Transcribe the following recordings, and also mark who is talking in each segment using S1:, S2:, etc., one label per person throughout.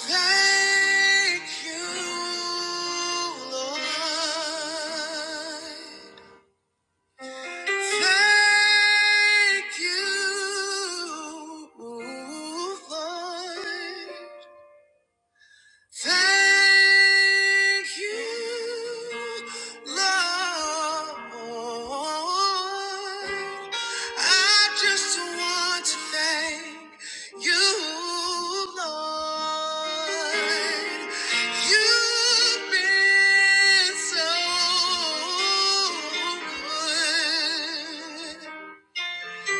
S1: Thank you, Lord. Thank you, Lord. Thank you, Lord. I just want to thank you, Lord. You've been so good.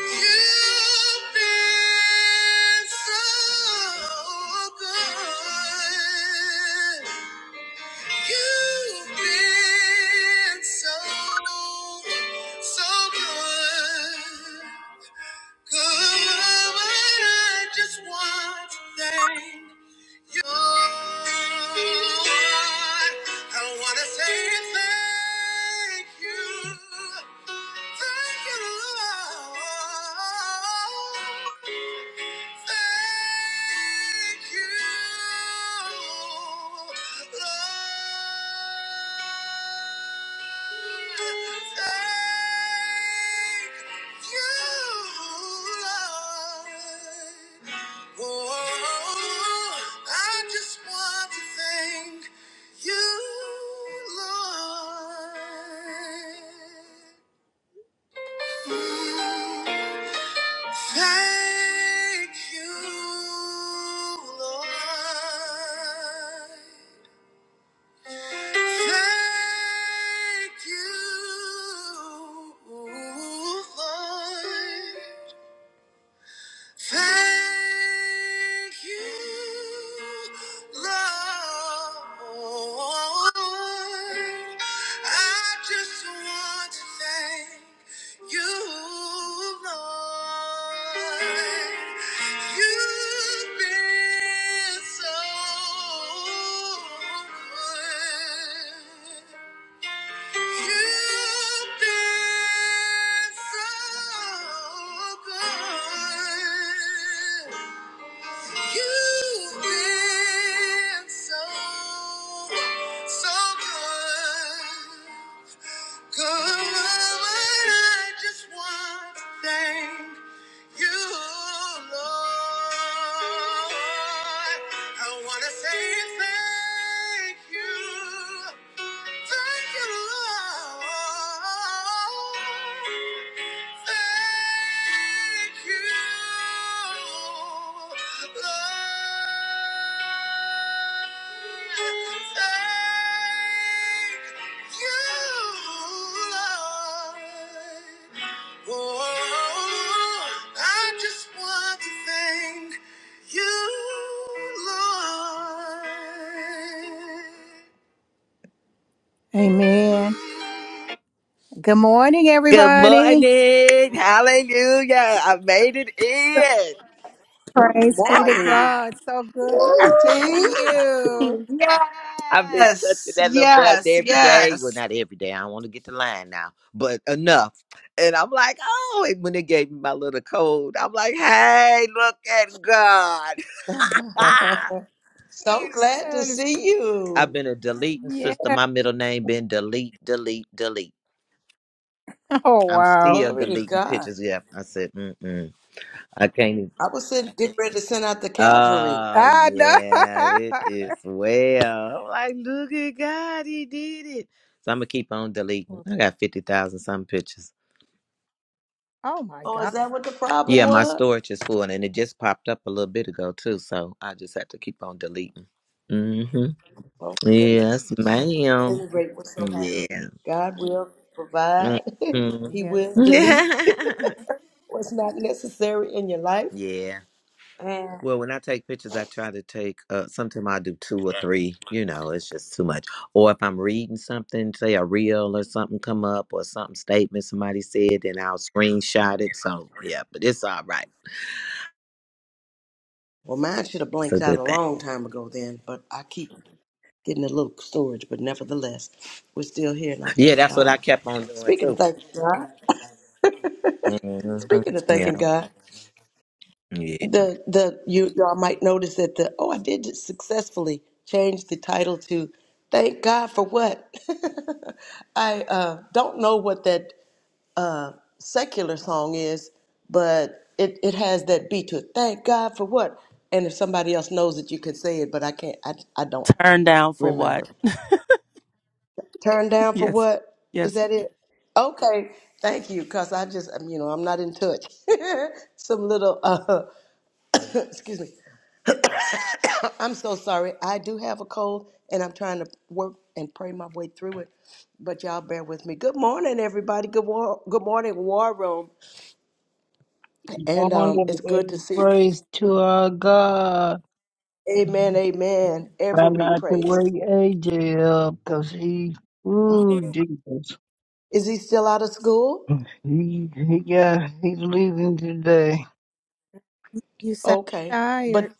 S1: You've been so good. You've been so, so good. Good. I just want to thank I want to say thank you. Thank you, Lord. Thank you, Lord. Thank you, Lord. Oh, I just want to thank you, Lord. Thank you, Lord. Thank you, Lord. Thank you, Lord. I just want to thank you, Lord. You've been so good. You've been so good. You've been so, so good. Good. I just want to thank you, Lord, I wanna say thank you. Thank you, Lord. Thank you, Lord. Thank you, Lord. Oh, I just want to thank you, Lord. Amen. Good morning,
S2: Good
S1: everybody.
S2: morning. Hallelujah. I made it in.
S3: Good
S1: Praise be to
S3: morning,
S1: God. So good to see
S3: Katie.
S1: you.
S2: I've been
S4: Yes,
S2: touching that little button
S4: yes,
S2: every day. Well,
S4: yes.
S2: not every day. I don't want to get the line now, but enough. And I'm like, oh, and when they gave me my little code, I'm like, hey, look at God.
S3: so glad
S1: Yeah.
S3: to
S1: it is-
S3: see
S2: I've
S3: you.
S2: been a deleting
S1: yeah.
S2: system. My middle name been delete, delete, delete.
S1: Oh,
S2: I'm
S1: wow.
S2: still
S3: Glory to
S2: deleting
S3: God.
S2: pictures. Yeah, I said, mm-mm. I can't. even.
S3: I was send, getting ready to send out the Calvary.
S2: Oh
S1: I know.
S2: yeah, it is well. I'm like, look at God, He did it. So I'm gonna keep on deleting.
S1: Well,
S2: I got fifty thousand some pictures.
S1: Oh, my
S3: Oh,
S1: God.
S3: is that what the problem
S2: Yeah, my
S3: was?
S2: storage is full, and it just popped up a little bit ago too. So I just have to keep on deleting. Mm-hmm.
S3: Oh, goodness.
S2: Yes,
S3: At
S2: ma'am.
S3: any rate, we're so happy.
S2: Yeah.
S3: God will provide, He
S1: Yes.
S3: will
S1: well,
S3: delete
S2: Mm-hmm.
S3: what's not necessary in your life.
S2: yeah.
S3: And
S2: Well, when I take pictures, I try to take, uh, sometimes I do two or three, you know, it's just too much. Or if I'm reading something, say a reel or something come up or something statement somebody said, then I'll screenshot it. So, yeah, but it's all right.
S3: well, mine should have
S2: It's a
S3: blanked out a
S2: good thing.
S3: long time ago then, but I keep getting a little storage. But nevertheless, we're still here, and I
S2: Yeah,
S3: thank
S2: that's what
S3: God.
S2: I kept on doing
S3: Speaking of
S2: too.
S3: thanking God, speaking of
S2: hmm Yeah.
S3: thanking God,
S2: Yeah.
S3: the the you y'all might notice that the oh I did just successfully change the title to "Thank God for What." I uh, don't know what that uh, secular song is, but it it has that beat to it. Thank God for what? And if somebody else knows it, you can say it, but I can't. I I don't
S5: Turned down for what?
S3: remember. Turned down for
S5: Yes,
S3: what? Is
S5: yes.
S3: that it? Okay, thank you. Cause I just, um, you know, I'm not in touch. Some little, uh, excuse me. I'm so sorry. I do have a cold, and I'm trying to work and pray my way through it. But y'all bear with me. Good morning, everybody. Good war. Good morning, War Room. And um,
S6: morning,
S3: it's good to
S6: every
S3: see.
S6: praise to our God.
S3: Amen. Amen.
S6: Try
S3: Every
S6: not to
S3: praise.
S6: wake AJ up, cause he, ooh, Jesus,
S3: Is he still out of school?
S6: he he got he's leaving today.
S1: You sound
S3: Okay, but
S1: tired.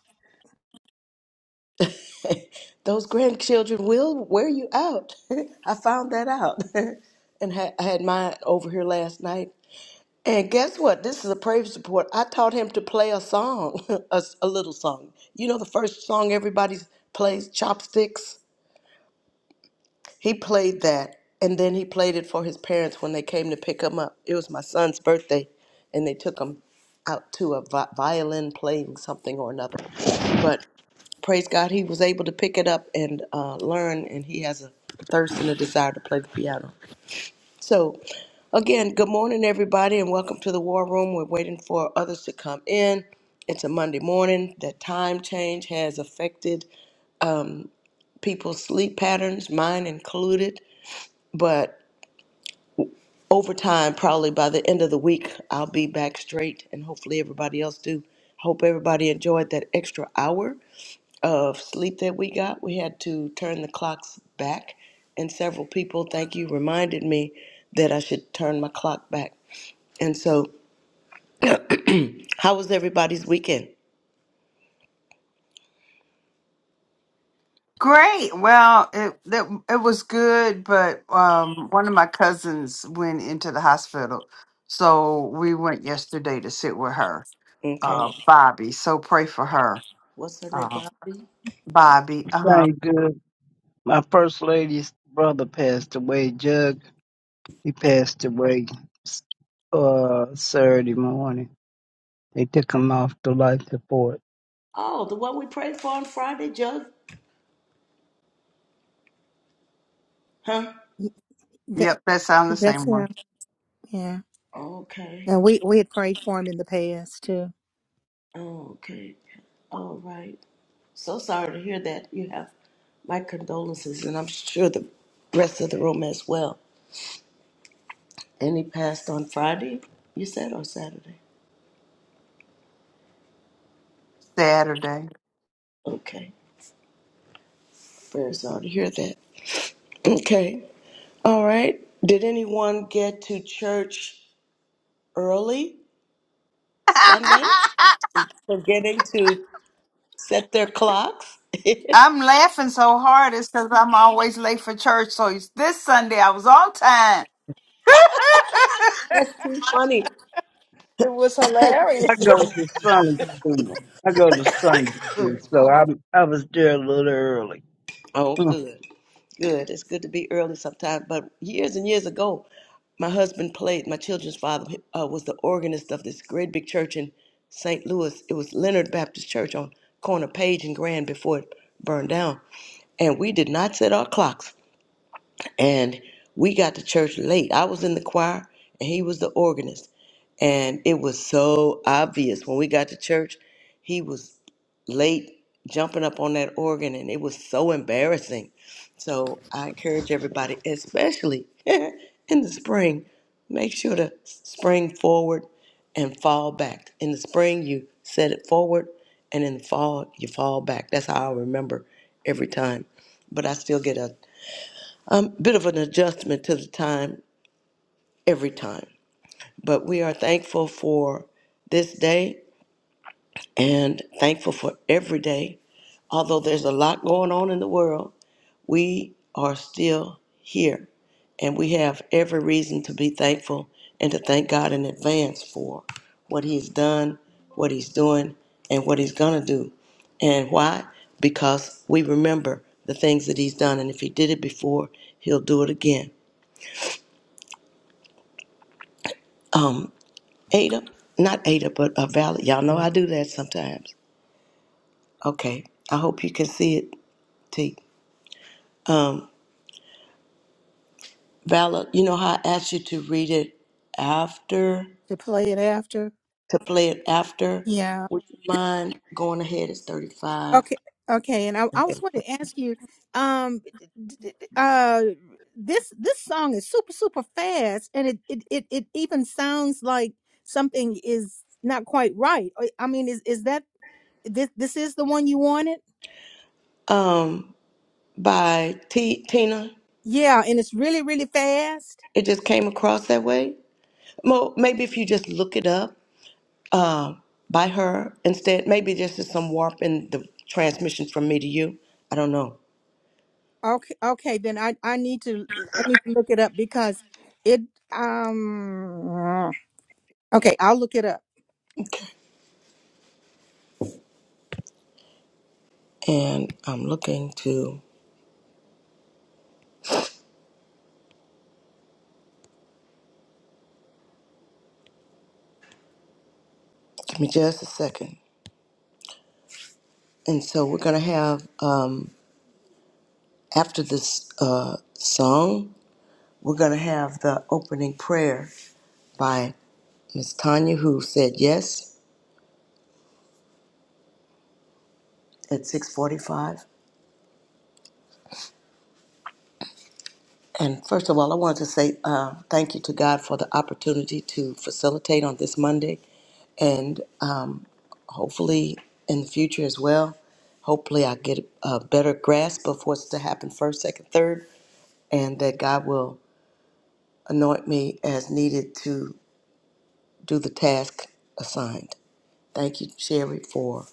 S3: those grandchildren will wear you out. I found that out. and ha- I had mine over here last night. And guess what? This is a praise support. I taught him to play a song, a, s- a little song. You know the first song everybody plays, Chopsticks? He played that, and then he played it for his parents when they came to pick him up. It was my son's birthday, and they took him out to a vi- violin playing something or another. But praise God, he was able to pick it up and uh, learn, and he has a thirst and a desire to play the piano. So, again, good morning, everybody, and welcome to the War Room. We're waiting for others to come in. It's a Monday morning. That time change has affected people's sleep patterns, mine included. But Over time, probably by the end of the week i'll be back straight and hopefully everybody else do hope everybody enjoyed that extra hour of sleep that we got we had to turn the clocks back and several people thank you reminded me that i should turn my clock back and so how was everybody's weekend
S4: Great. Well, it, it it was good, but um, one of my cousins went into the hospital, so we went yesterday to sit with her, uh,
S3: okay
S4: Bobby. So pray for her,
S3: what's her name
S4: uh,
S3: bobby
S4: Bobby. Uh huh.
S6: Thank good. My first lady's brother passed away. Jug, he passed away uh Saturday morning. They took him off the life support.
S3: oh the one we prayed for on friday jug huh
S1: Y- that-
S4: Yep, that sounds the
S1: That's
S4: same one.
S1: him.
S3: okay
S1: And we we had prayed for him in the past to
S3: Oh, okay. All right. So sorry to hear that. You have my condolences, and I'm sure the rest of the room as well. And he passed on Friday, you said, or Saturday?
S4: Saturday.
S3: Okay. Very sorry to hear that. Okay. All right. Did anyone get to church early Sunday? Forgetting to set their clocks?
S4: I'm
S3: That's
S4: laughing so hard it's because I'm always late for church. So it's this Sunday I was on time.
S3: too funny.
S4: It was hilarious.
S6: I go to Sunday school. I go to Sunday school, so I I was there a little early.
S3: Oh, good. Good. It's good to be early sometimes. But years and years ago, my husband played, my children's father uh, was the organist of this great big church in St. Louis. It was Leonard Baptist Church on corner Page and Grand before it burned down. And we did not set our clocks. And we got to church late. I was in the choir and he was the organist. And it was so obvious when we got to church, he was late jumping up on that organ and it was so embarrassing. So I encourage everybody, especially in the spring, make sure to spring forward and fall back. In the spring, you set it forward, and in the fall, you fall back. That's how I remember every time. But I still get a a bit of an adjustment to the time every time, but we are thankful for this day and thankful for every day. Although there's a lot going on in the world, we are still here and we have every reason to be thankful and to thank God in advance for what He's done, what He's doing, and what He's going to do. And why? Because we remember the things that He's done, and if He did it before, He'll do it again. Ada, not Ada, but uh, Valor. Y'all know I do that sometimes. Okay, I hope you can see it, T. Valor, you know how I asked you to read it after,
S1: to play it after.
S3: to play it after?
S1: Yeah.
S3: Would you mind going ahead? It's 35.
S1: Okay. Okay. And I, I was wanting to ask you, um, d- d- d- uh, this this song is super super fast, and it it it, it even sounds like something is not quite right. I I mean, is is that this this is the one you wanted?
S3: Um, by T. Tina,
S1: Yeah, and it's really really fast.
S3: it just came across that way. Mo, maybe if you just look it up uh, by her instead, maybe this is some warp in the transmission from me to you. I don't know.
S1: Okay. Okay. Then I I need to I need to look it up because it um. Okay, I'll look it up.
S3: And I'm looking to. Give me just a second. And so we're going to have, um, after this uh, song, we're going to have the opening prayer by Miss Tanya, who said yes at 6:45. And first of all, I want to say uh, thank you to God for the opportunity to facilitate on this Monday, and um, hopefully in the future as well. Hopefully, I get a better grasp of what's to happen first, second, third, and that God will anoint me as needed to do the task assigned. Thank you, Sherry, for.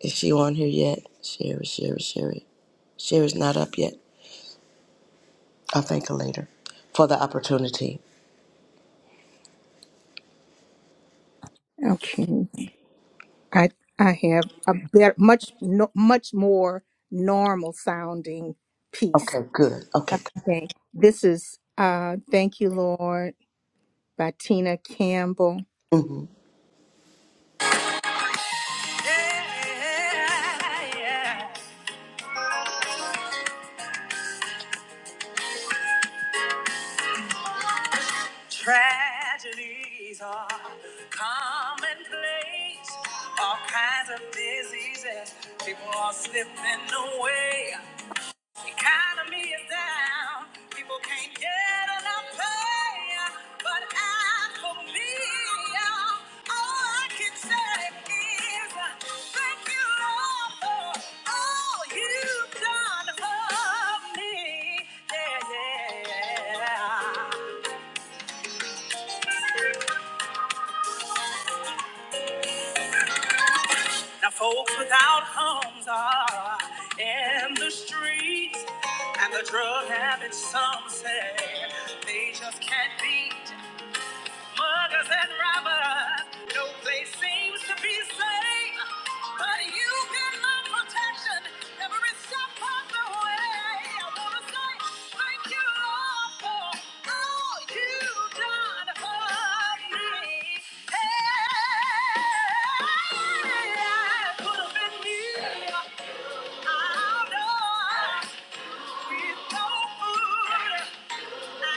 S3: Is she on here yet? Sherry, Sherry, Sherry. Sherry's not up yet. I'll thank her later for the opportunity.
S1: Okay. I I have a better, much no, much more normal sounding piece.
S3: Okay, good. Okay.
S1: Okay. This is uh Thank You Lord by Tina Campbell.
S3: hmm
S1: Yeah, yeah. Tragedies are commonplace. All kinds of diseases. People are slipping away. Economy is down. People can't get enough pay. But as for me, uh, all I can say is uh, thank you, Lord, for all you've done for me. Yeah, yeah. Now, folks without homes are in the streets, and the drug habits, some say they just can't beat. Muggers and robbers, no place seems to be safe. But you can lend protection every step of the way. I wanna say thank you, Lord, for all you've done for me. Hey, it could have been me. I know it's no fool. Thank you.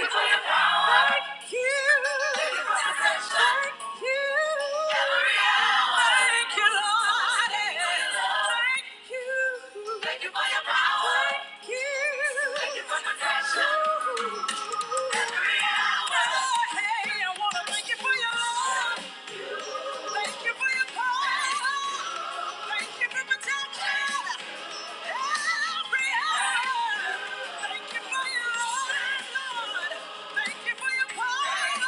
S1: you Hey, I wanna thank you for your love. Thank you for your power. Thank you for protection. Every hour. Thank you for your love, Lord. Thank you for your power.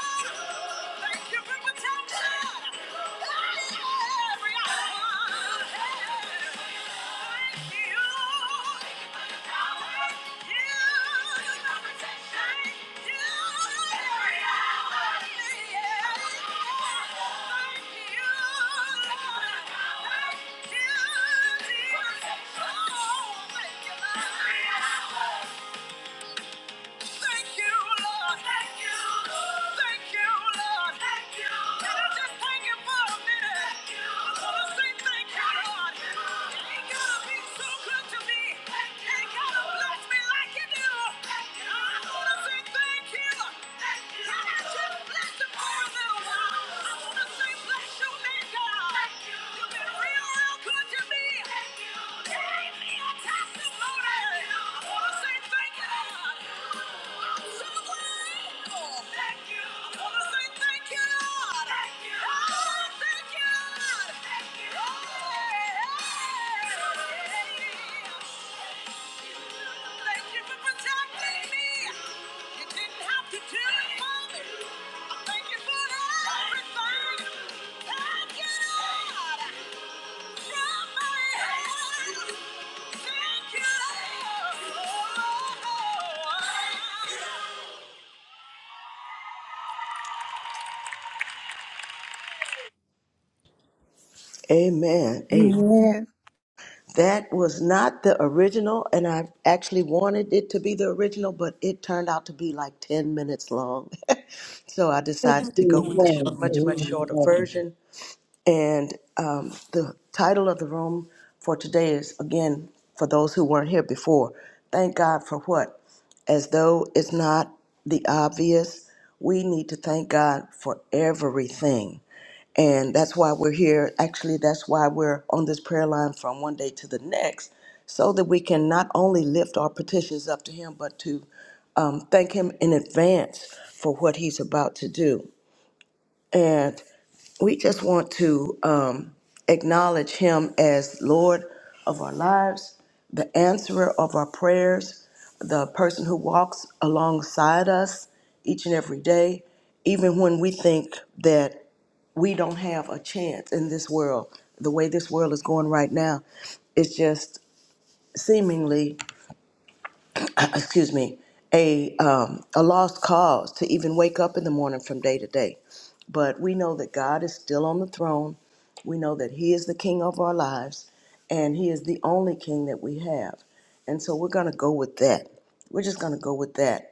S1: Thank you for protection. Every hour. Thank you. Thank you. Thank you, Lord. Thank you, Thank you, Lord. Thank you. Can I just thank you for a minute? I want to say thank you, Lord. Ain't gotta be so good to me. Ain't gotta bless me like you do. I want to say thank you. Can I just bless you for a little while? I want to say bless your God. you. have been real, real good to me. Thank me a testimony. Thank you.
S3: Amen. Amen.
S1: Amen.
S3: That was not the original, and I actually wanted it to be the original, but it turned out to be like 10 minutes long. so I decided to go with the short,
S6: Amen.
S3: much, much shorter
S6: Amen.
S3: version And um, the title of the room for today is again, for those who weren't here before, thank God for what? As though it's not the obvious, we need to thank God for everything. And that's why we're here. Actually, that's why we're on this prayer line from one day to the next, so that we can not only lift our petitions up to Him, but to um, thank Him in advance for what He's about to do. And we just want to um, acknowledge him as Lord of our lives, the answerer of our prayers, the person who walks alongside us each and every day, even when we think that we don't have a chance in this world. The way this world is going right now is just seemingly excuse me, a um, a lost cause to even wake up in the morning from day to day. But we know that God is still on the throne. We know that He is the King of our lives, and He is the only King that we have. And so we're going to go with that. We're just going to go with that.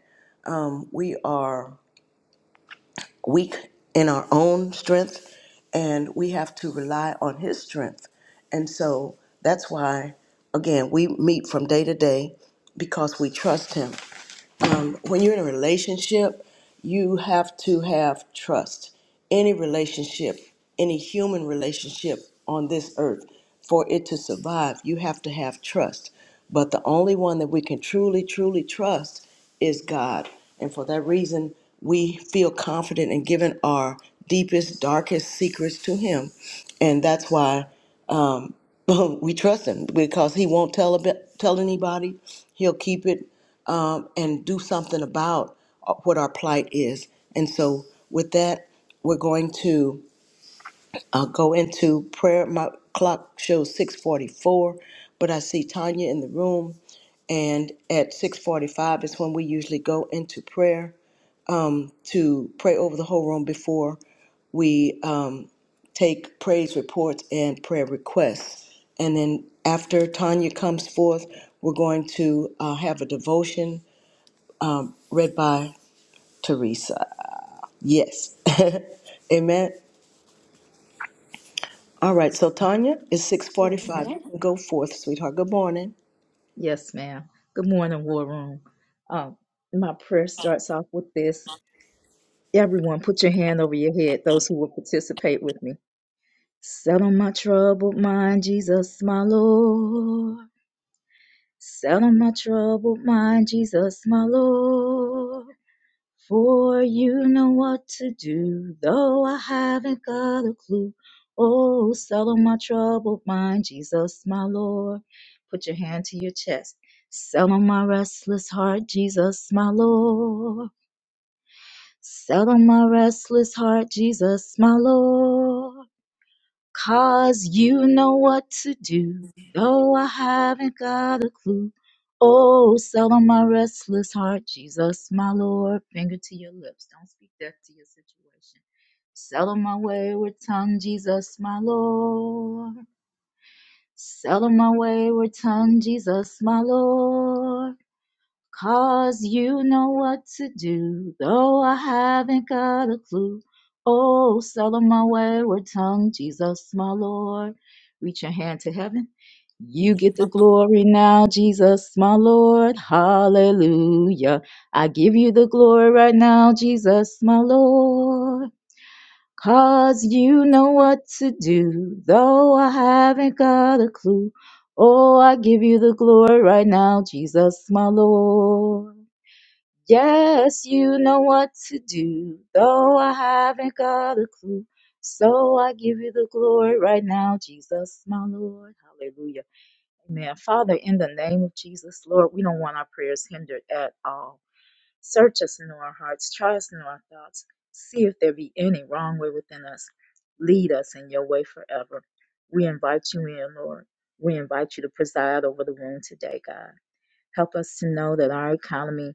S3: We are weak in our own strength, and we have to rely on His strength. And so that's why, again, we meet from day to day because we trust Him when you're in a relationship, you have to have trust. Any relationship, any human relationship on this earth, for it to survive, you have to have trust. But the only one that we can truly, truly trust is God. And for that reason, we feel confident in giving our deepest, darkest secrets to Him. And that's why we trust Him because He won't tell, a bit, tell anybody. He'll keep it and do something about uh, what our plight is. And so, with that, we're going to uh, go into prayer. My clock shows 6:44, but I see Tanya in the room, and at 6:45 is when we usually go into prayer to pray over the whole room before we um, take praise reports and prayer requests. And then after Tanya comes forth, we're going to uh, have a devotion read by Teresa. Yes. Amen. All right. So Tanya, it's six forty-five. You can go forth, sweetheart. Good morning.
S7: Yes, ma'am. Good morning, War Room. Um, my prayer starts off with this. Everyone, put your hand over your head, those who will participate with me. Settle my troubled mind, Jesus, my Lord. Settle my troubled mind, Jesus, my Lord. For you know what to do, though I haven't got a clue. Oh, settle my troubled mind, Jesus, my Lord. Put your hand to your chest. Settle my restless heart, Jesus, my Lord. Settle my restless heart, Jesus, my Lord. Cause you know what to do. Though I haven't got a clue. Oh, settle my restless heart, Jesus, my Lord. Finger to your lips. Don't speak death to your situation. Settle my wayward tongue, Jesus, my Lord. Settle my wayward tongue, Jesus, my Lord. Cause you know what to do, though I haven't got a clue. Oh, settle my wayward tongue, Jesus, my Lord. Reach your hand to heaven. You get the glory now, Jesus, my Lord. Hallelujah. I give you the glory right now, Jesus, my Lord. 'Cause you know what to do, though I haven't got a clue. Oh, I give you the glory right now, Jesus, my Lord. Yes, you know what to do, though I haven't got a clue. So I give you the glory right now, Jesus, my Lord. Hallelujah. Amen. Father, in the name of Jesus, Lord, we don't want our prayers hindered at all. Search us into our hearts, try us into our thoughts, see if there be any wrong way within us. Lead us in your way forever. We invite you in, Lord. We invite you to preside over the room today, God. Help us to know that our economy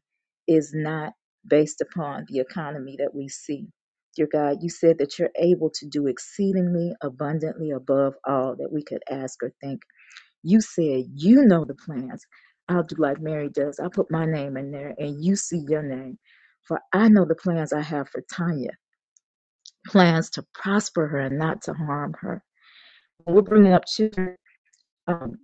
S7: is not based upon the economy that we see. Dear God, you said that you're able to do exceedingly abundantly above all that we could ask or think. You said you know the plans. I'll do like Mary does. I'll put my name in there and you see your name. For I know the plans I have for Tanya plans to prosper her and not to harm her. We're bringing up children. um,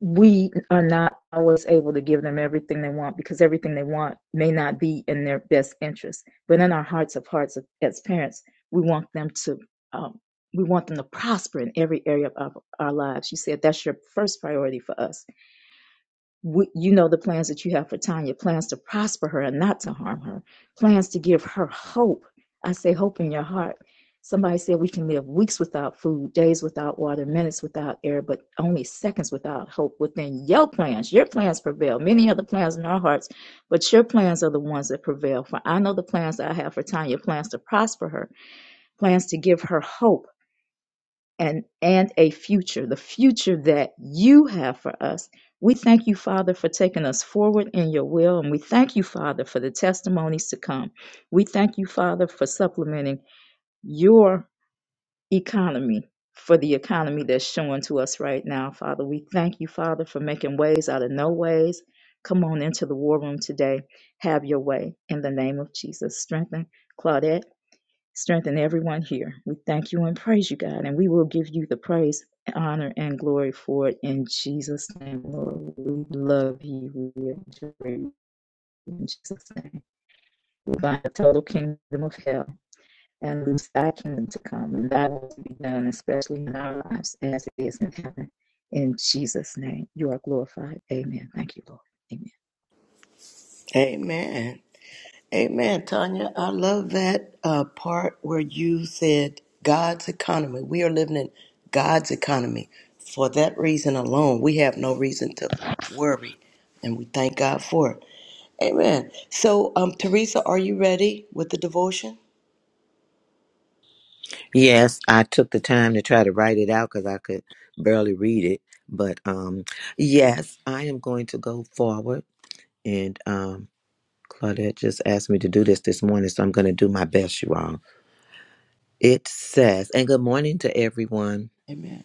S7: we are not always able to give them everything they want because everything they want may not be in their best interest. But in our hearts of hearts, as parents, we want them to um, we want them to prosper in every area of our lives. You said that's your first priority for us we, you know the plans that you have for Tanya, plans to prosper her and not to harm her, plans to give her hope. I say hope in your heart. Somebody said we can live weeks without food, days without water, minutes without air, but only seconds without hope within your plans. Your plans prevail. Many other plans in our hearts, but your plans are the ones that prevail. For I know the plans that I have for Tanya, plans to prosper her, plans to give her hope and and a future the future that you have for us we thank you father for taking us forward in your will and we thank you father for the testimonies to come we thank you father for supplementing your economy for the economy that's showing to us right now father we thank you father for making ways out of no ways come on into the war room today have your way in the name of jesus strengthen claudette Strengthen everyone here. We thank you and praise you, God, and we will give you the praise, honor, and glory for it in Jesus' name, Lord. We love you. We adore you in Jesus' name. We bind the total kingdom of hell and loose thy kingdom to come, and thy will to be done, especially in our lives as it is in heaven. In Jesus' name, you are glorified. Amen. Thank you, Lord. Amen.
S3: Amen. Amen, Tanya. I love that uh, part where you said God's economy. We are living in God's economy. For that reason alone, we have no reason to worry, and we thank God for it. Amen. So, um, Teresa, are you ready with the devotion?
S2: Yes, I took the time to try to write it out because I could barely read it. But um, yes, I am going to go forward and um, Claudette just asked me to do this this morning, so I'm going to do my best, you all. It says, and good morning to everyone.
S3: Amen.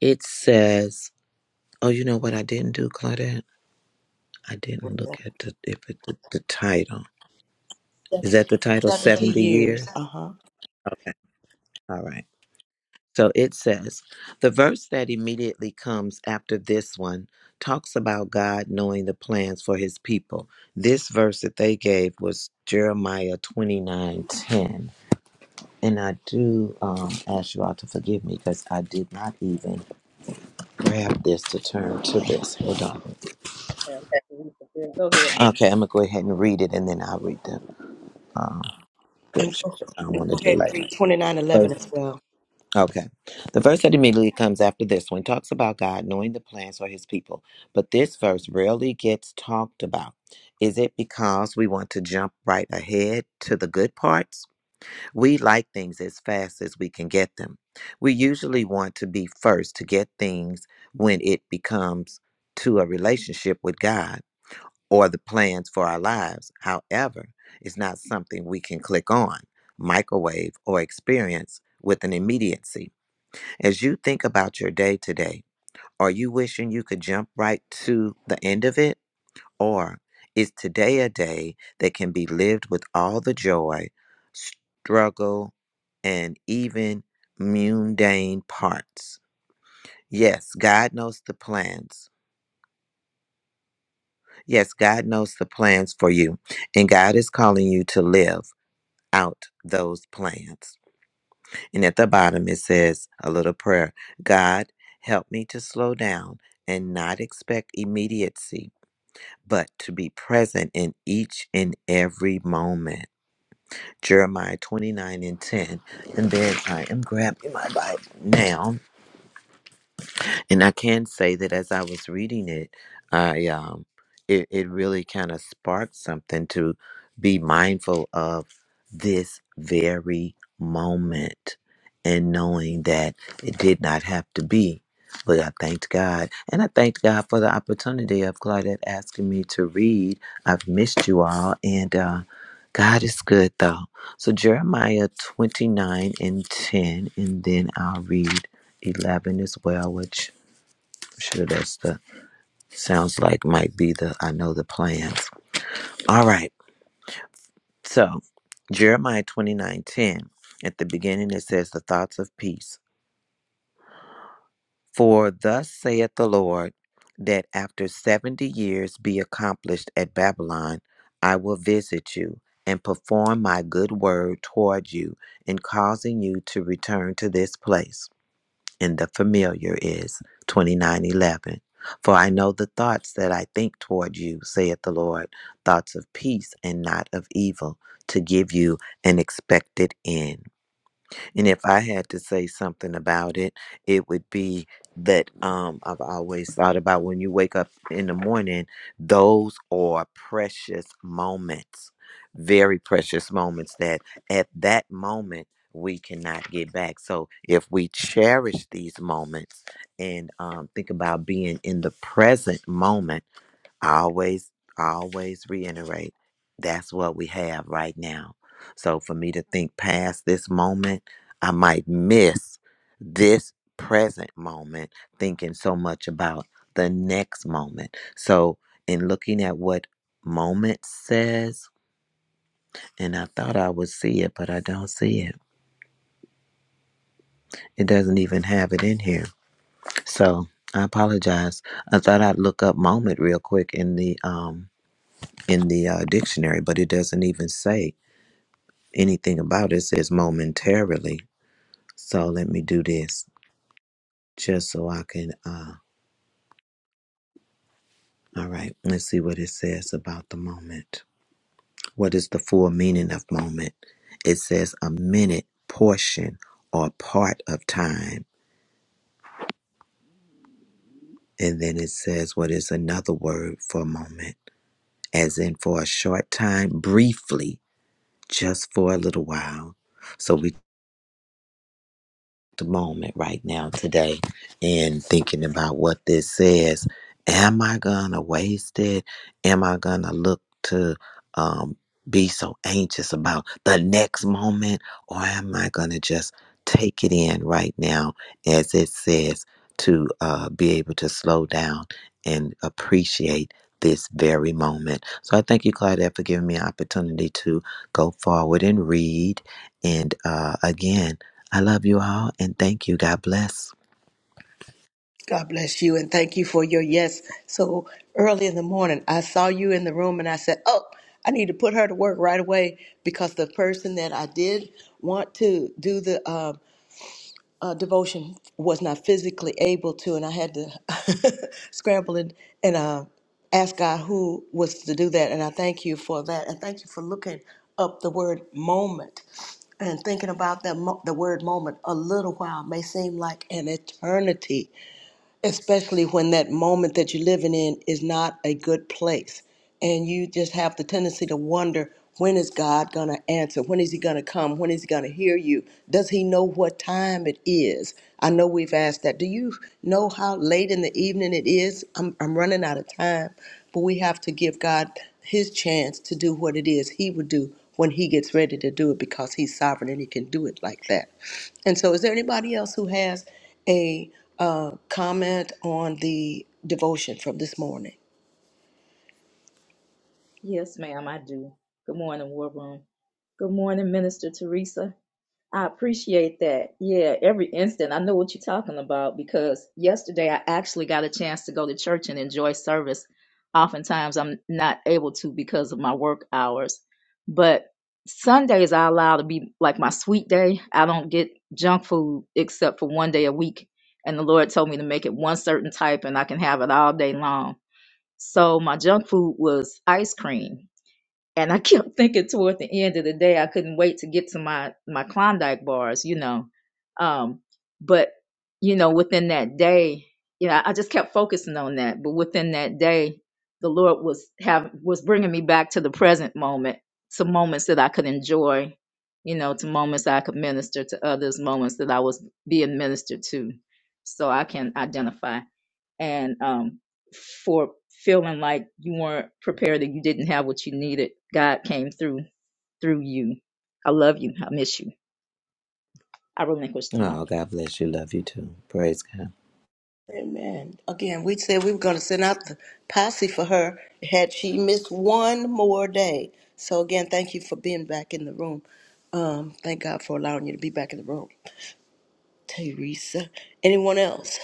S2: It says, oh, you know what I didn't do, Claudette? I didn't look at the, if it, the, the title. Is that the title,
S3: Seventy
S2: 70 Years?
S3: years. Uh huh.
S2: Okay, all right. So it says, the verse that immediately comes after this one talks about God knowing the plans for his people. This verse that they gave was Jeremiah 29:10 And I do um, ask you all to forgive me because I did not even grab this to turn to this. Hold on.
S7: Go ahead, Anna.
S2: Okay, I'm going to go ahead and read it and then I'll read the um,
S3: And
S2: scripture.
S3: go,
S2: I don't
S3: and
S2: want to
S3: go ahead
S2: delay.
S3: and read 2911
S2: Verse-
S3: as well.
S2: Okay. The verse that immediately comes after this one talks about God knowing the plans for his people. But this verse rarely gets talked about. Is it because we want to jump right ahead to the good parts? We like things as fast as we can get them. We usually want to be first to get things when it becomes to a relationship with God or the plans for our lives. However, it's not something we can click on, microwave, or experience with an immediacy. As you think about your day today, are you wishing you could jump right to the end of it? Or is today a day that can be lived with all the joy, struggle, and even mundane parts? Yes, God knows the plans. Yes, God knows the plans for you. And God is calling you to live out those plans. And at the bottom, it says a little prayer God, help me to slow down and not expect immediacy, but to be present in each and every moment. Jeremiah 29 and 10. And then I am grabbing my Bible now. And I can say that as I was reading it, I um, it, it really kind of sparked something to be mindful of this very moment and knowing that it did not have to be. But I thanked God. And I thanked God for the opportunity of Claudette asking me to read. I've missed you all. And uh, God is good, though. So, Jeremiah 29 and 10, and then I'll read 11 as well, which I'm sure that's the sounds like might be the I know the plans. All right. So Jeremiah twenty nine ten. At the beginning it says the thoughts of peace. For thus saith the Lord, that after seventy years be accomplished at Babylon, I will visit you and perform my good word toward you in causing you to return to this place. and the familiar is 2911 for i know the thoughts that i think toward you saith the lord thoughts of peace and not of evil to give you an expected end and if I had to say something about it, it would be that um, I've always thought about when you wake up in the morning, those are precious moments, very precious moments that at that moment we cannot get back. So if we cherish these moments and um, think about being in the present moment, I always I always reiterate that's what we have right now so for me to think past this moment i might miss this present moment thinking so much about the next moment so in looking at what moment says and i thought i would see it but i don't see it it doesn't even have it in here so i apologize i thought i'd look up moment real quick in the um in the uh, dictionary, but it doesn't even say anything about it. It says momentarily. So let me do this just so I can. Uh, all right, let's see what it says about the moment. What is the full meaning of moment? It says a minute, portion, or part of time. And then it says what is another word for moment, as in for a short time, briefly, just for a little while. So we the moment right now today and thinking about what this says. Am I gonna waste it? Am I gonna look to um, be so anxious about the next moment, or am I gonna just take it in right now, as it says, to uh, be able to slow down and appreciate this very moment? So I thank you, Claudette, for giving me an opportunity to go forward and read. And uh, again, I love you all and thank you. God bless.
S3: God bless you and thank you for your yes. So early in the morning, I saw you in the room and I said, Oh, I need to put her to work right away because the person that I did want to do the um, uh, devotion was not physically able to, and I had to scramble and, and uh, ask God who was to do that. And I thank you for that. And thank you for looking up the word moment and thinking about that mo- the word moment. A little while may seem like an eternity especially when that moment that you're living in is not a good place and you just have the tendency to wonder when is god going to answer when is he going to come when is he going to hear you does he know what time it is i know we've asked that do you know how late in the evening it is i'm, I'm running out of time but we have to give god his chance to do what it is he would do when he gets ready to do it because he's sovereign and he can do it like that and so is there anybody else who has a uh, comment on the devotion from this morning.
S7: Yes, ma'am, I do. Good morning, War Room. Good morning, Minister Teresa. I appreciate that. Yeah, every instant. I know what you're talking about because yesterday I actually got a chance to go to church and enjoy service. Oftentimes I'm not able to because of my work hours. But Sundays I allow to be like my sweet day. I don't get junk food except for one day a week. And the Lord told me to make it one certain type and I can have it all day long. So my junk food was ice cream and I kept thinking toward the end of the day, I couldn't wait to get to my my Klondike bars, you know. Um, but you know, within that day, you know, I just kept focusing on that. But within that day, the Lord was have was bringing me back to the present moment, to moments that I could enjoy, you know, to moments that I could minister to others, moments that I was being ministered to. So I can identify and um, for feeling like you weren't prepared and you didn't have what you needed. God came through through you. I love you. I miss you. I relinquish the mic.
S2: Oh, God bless you. Love you too. Praise God.
S3: Amen. Again, we said we were going to send out the posse for her had she missed one more day. So, again, thank you for being back in the room. Um, thank God for allowing you to be back in the room, Teresa. Anyone else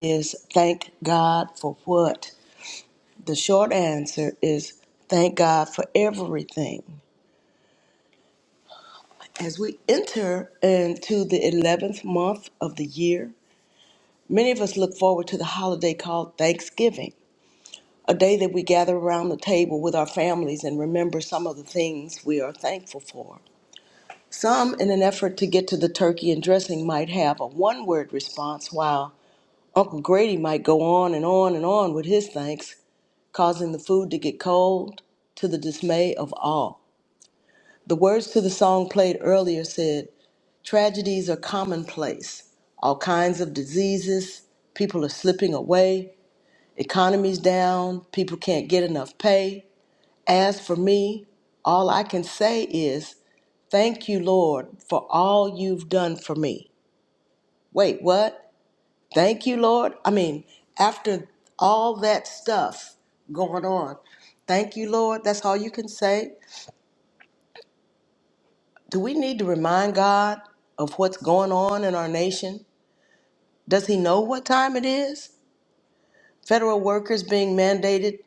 S3: is thank God for what? The short answer is thank God for everything. As we enter into the 11th month of the year, Many of us look forward to the holiday called Thanksgiving, a day that we gather around the table with our families and remember some of the things we are thankful for. Some, in an effort to get to the turkey and dressing, might have a one word response, while Uncle Grady might go on and on and on with his thanks, causing the food to get cold to the dismay of all. The words to the song played earlier said, Tragedies are commonplace. All kinds of diseases, people are slipping away, Economy's down, people can't get enough pay. As for me, all I can say is, Thank you, Lord, for all you've done for me. Wait, what? Thank you, Lord? I mean, after all that stuff going on, thank you, Lord, that's all you can say. Do we need to remind God of what's going on in our nation? Does He know what time it is? Federal workers being mandated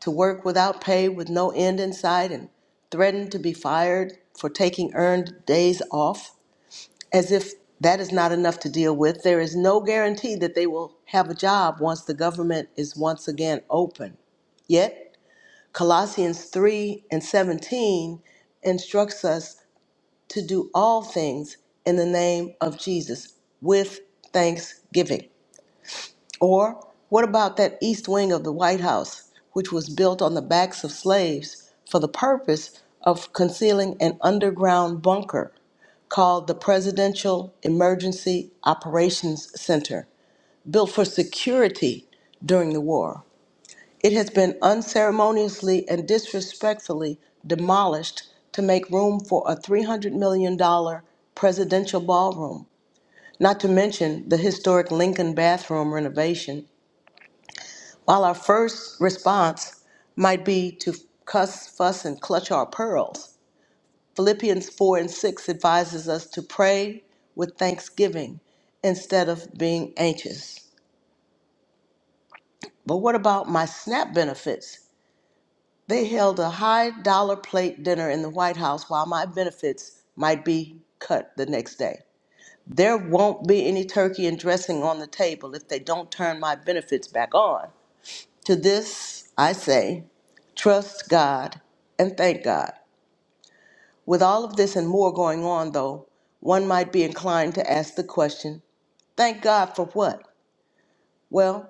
S3: to work without pay with no end in sight and threatened to be fired for taking earned days off. As if that is not enough to deal with, there is no guarantee that they will have a job once the government is once again open. Yet, Colossians 3 and 17 instructs us to do all things in the name of Jesus with thanksgiving. Or what about that east wing of the White House, which was built on the backs of slaves for the purpose of concealing an underground bunker called the Presidential Emergency Operations Center, built for security during the war? It has been unceremoniously and disrespectfully demolished to make room for a $300 million dollars presidential ballroom, not to mention the historic Lincoln bathroom renovation while our first response might be to cuss, fuss, and clutch our pearls, Philippians 4 and 6 advises us to pray with thanksgiving instead of being anxious. But what about my SNAP benefits? They held a high dollar plate dinner in the White House while my benefits might be cut the next day. There won't be any turkey and dressing on the table if they don't turn my benefits back on. To this I say, trust God and thank God. With all of this and more going on, though, one might be inclined to ask the question, thank God for what? Well,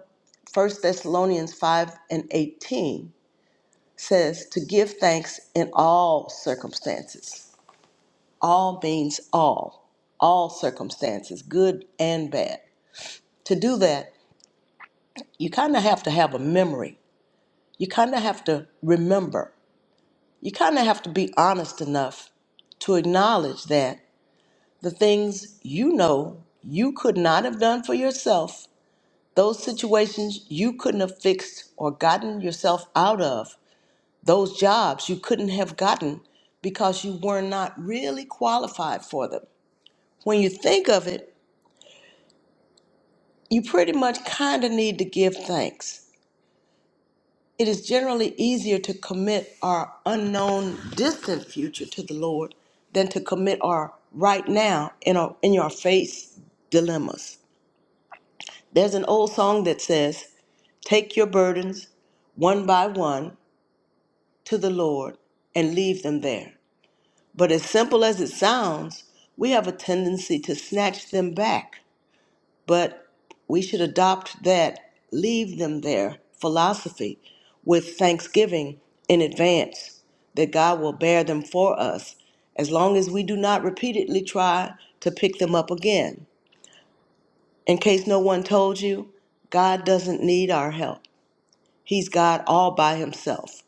S3: 1 Thessalonians 5 and 18 says to give thanks in all circumstances. All means all, all circumstances, good and bad. To do that, you kind of have to have a memory. You kind of have to remember you kind of have to be honest enough to acknowledge that the things you know you could not have done for yourself, those situations you couldn't have fixed or gotten yourself out of, those jobs you couldn't have gotten because you were not really qualified for them. When you think of it, you pretty much kind of need to give thanks It is generally easier to commit our unknown distant future to the Lord than to commit our right now in our in your face dilemmas. There's an old song that says, Take your burdens one by one to the Lord and leave them there. But as simple as it sounds, we have a tendency to snatch them back but we should adopt that leave them there philosophy with thanksgiving in advance that God will bear them for us as long as we do not repeatedly try to pick them up again. In case no one told you, God doesn't need our help. He's God all by himself.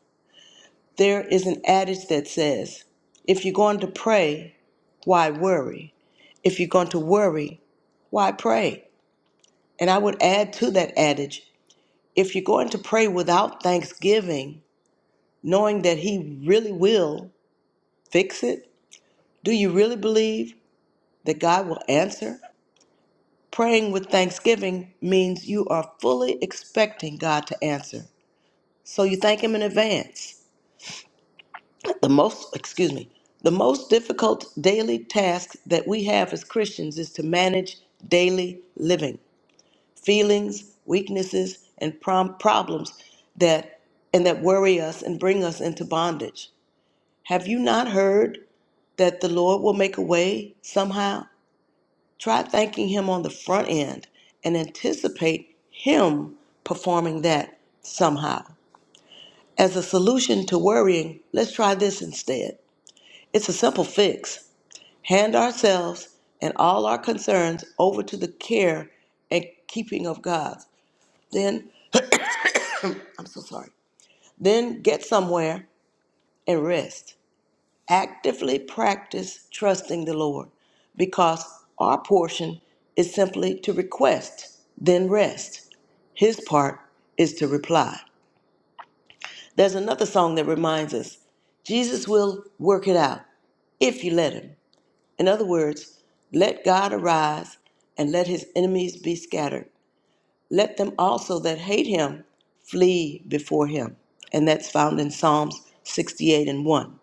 S3: There is an adage that says, if you're going to pray, why worry? If you're going to worry, why pray? And I would add to that adage If you're going to pray without thanksgiving, knowing that He really will fix it, do you really believe that God will answer? Praying with thanksgiving means you are fully expecting God to answer. So you thank Him in advance. The most, excuse me, the most difficult daily task that we have as Christians is to manage daily living, feelings, weaknesses, and prom- problems that and that worry us and bring us into bondage. Have you not heard that the Lord will make a way somehow? Try thanking Him on the front end and anticipate Him performing that somehow. As a solution to worrying, let's try this instead. It's a simple fix. Hand ourselves and all our concerns over to the care and keeping of God. Then, I'm so sorry. Then get somewhere and rest. actively practice trusting the Lord because our portion is simply to request, then rest. His part is to reply. There's another song that reminds us Jesus will work it out if you let him. In other words, let God arise and let his enemies be scattered. Let them also that hate him flee before him. And that's found in Psalms 68 and 1.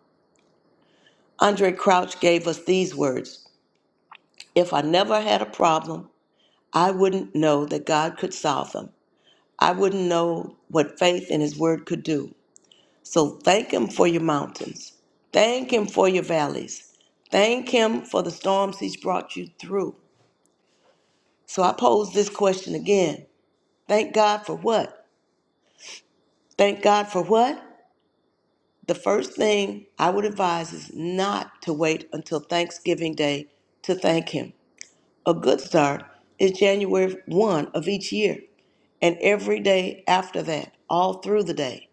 S3: Andre Crouch gave us these words If I never had a problem, I wouldn't know that God could solve them. I wouldn't know what faith in His Word could do. So thank Him for your mountains. Thank Him for your valleys. Thank Him for the storms He's brought you through. So I pose this question again Thank God for what? Thank God for what? The first thing I would advise is not to wait until Thanksgiving Day to thank Him. A good start is January 1 of each year. And every day after that, all through the day,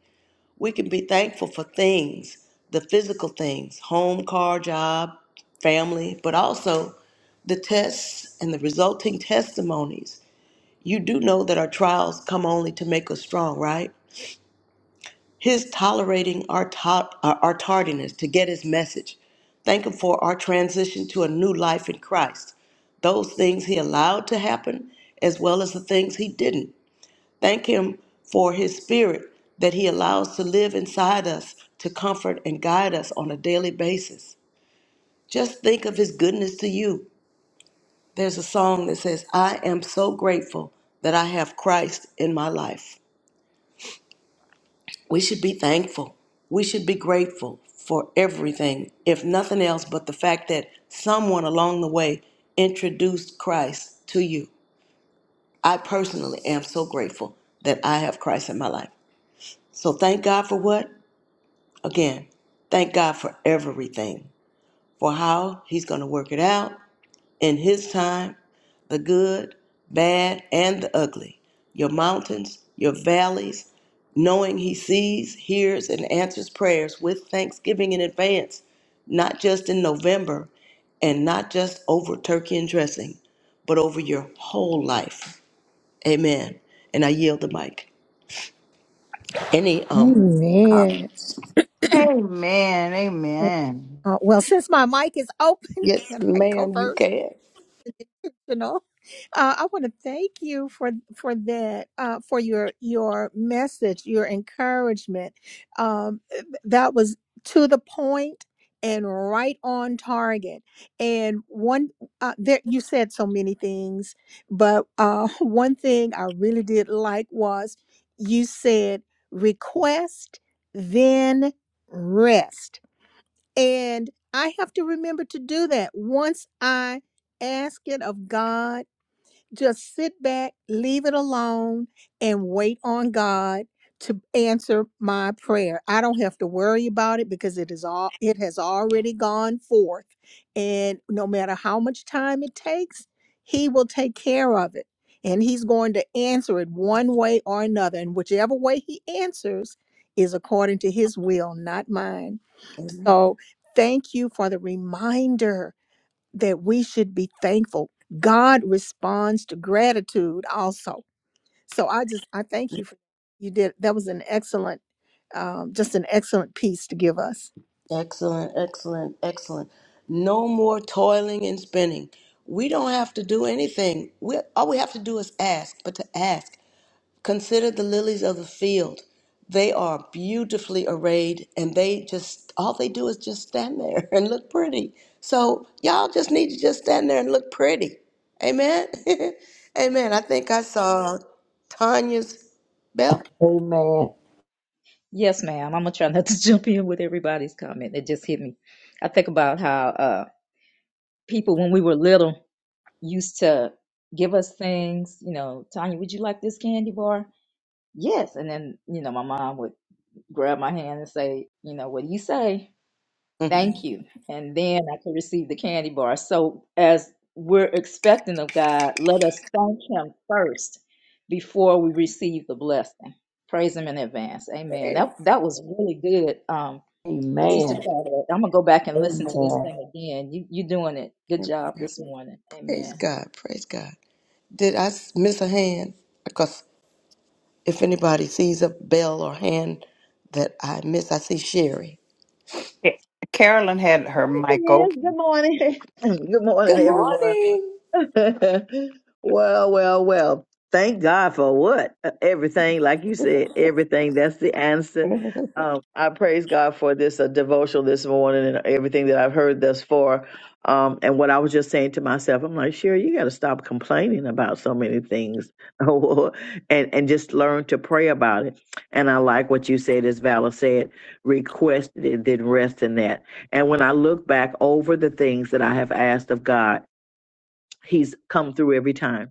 S3: we can be thankful for things, the physical things, home, car, job, family, but also the tests and the resulting testimonies. You do know that our trials come only to make us strong, right? His tolerating our, to- our our tardiness to get his message. Thank him for our transition to a new life in Christ. Those things he allowed to happen, as well as the things he didn't Thank Him for His Spirit that He allows to live inside us to comfort and guide us on a daily basis. Just think of His goodness to you. There's a song that says, I am so grateful that I have Christ in my life. We should be thankful. We should be grateful for everything, if nothing else but the fact that someone along the way introduced Christ to you. I personally am so grateful that I have Christ in my life. So thank God for what? Again, thank God for everything, for how He's going to work it out in His time, the good, bad, and the ugly, your mountains, your valleys, knowing He sees, hears, and answers prayers with thanksgiving in advance, not just in November and not just over turkey and dressing, but over your whole life. Amen. And I yield the mic. Any, um,
S1: Amen.
S4: Amen. Amen.
S1: Uh, well, since my mic is open,
S3: yes,
S1: can I go
S3: ma'am,
S1: first?
S3: you can.
S1: intentional. Uh, I want to thank you for for that uh, for your your message, your encouragement. Um, eh, th- that was to the point and right on target. And one, uh, there you said so many things, but uh, one thing I really did like was you said request then rest and I have to remember to do that once I ask it of God just sit back, leave it alone, and wait on God to answer my prayer. I don't have to worry about it because it is all it has already gone forth. And no matter how much time it takes, he will take care of it. And he's going to answer it one way or another. And whichever way he answers is according to his will, not mine. So thank you for the reminder that we should be thankful. God responds to gratitude also. So I just I thank you for you did that was an excellent um, just an excellent piece to give us.
S3: Excellent, excellent, excellent. No more toiling and spinning. We don't have to do anything. We, all we have to do is ask, but to ask. Consider the lilies of the field. They are beautifully arrayed, and they just, all they do is just stand there and look pretty. So, y'all just need to just stand there and look pretty. Amen? Amen. I think I saw Tanya's bell.
S8: Amen.
S7: Yes, ma'am. I'm gonna try not to jump in with everybody's comment. It just hit me. I think about how uh, people when we were little used to give us things. You know, Tanya, would you like this candy bar? Yes, and then you know my mom would grab my hand and say, you know, what do you say? Thank you. And then I could receive the candy bar. So, as we're expecting of God, let us thank Him first before we receive the blessing. Praise Him in advance. Amen. That that was really good, um, Sister
S8: Amen.
S7: Claudette. I'm gonna go back and listen to this
S8: Amen.
S7: thing again. You you doing it? Good job this morning.
S3: Praise
S7: Amen.
S3: God. Praise God. Did I s- miss a hand? Because if anybody sees a bell or hand that I miss, I see Sherry.
S4: Ca- Carolyn had
S9: There
S4: her
S9: she
S4: mic
S9: is.
S4: open.
S9: Good morning. Good morning,
S3: Good
S9: everyone.
S3: morning.
S9: well, well, well. Thank God for what? Uh, Everything, like you said, everything. That's the answer. Um, I praise God for this uh, devotional this morning and everything that I've heard thus far. Um, and what I was just saying to myself, I'm like, Sherry, you got to stop complaining about so many things, and and just learn to pray about it. And I like what you said, as Vala said, requested it, then rest in that. And when I look back over the things that I have asked of God He's come through every time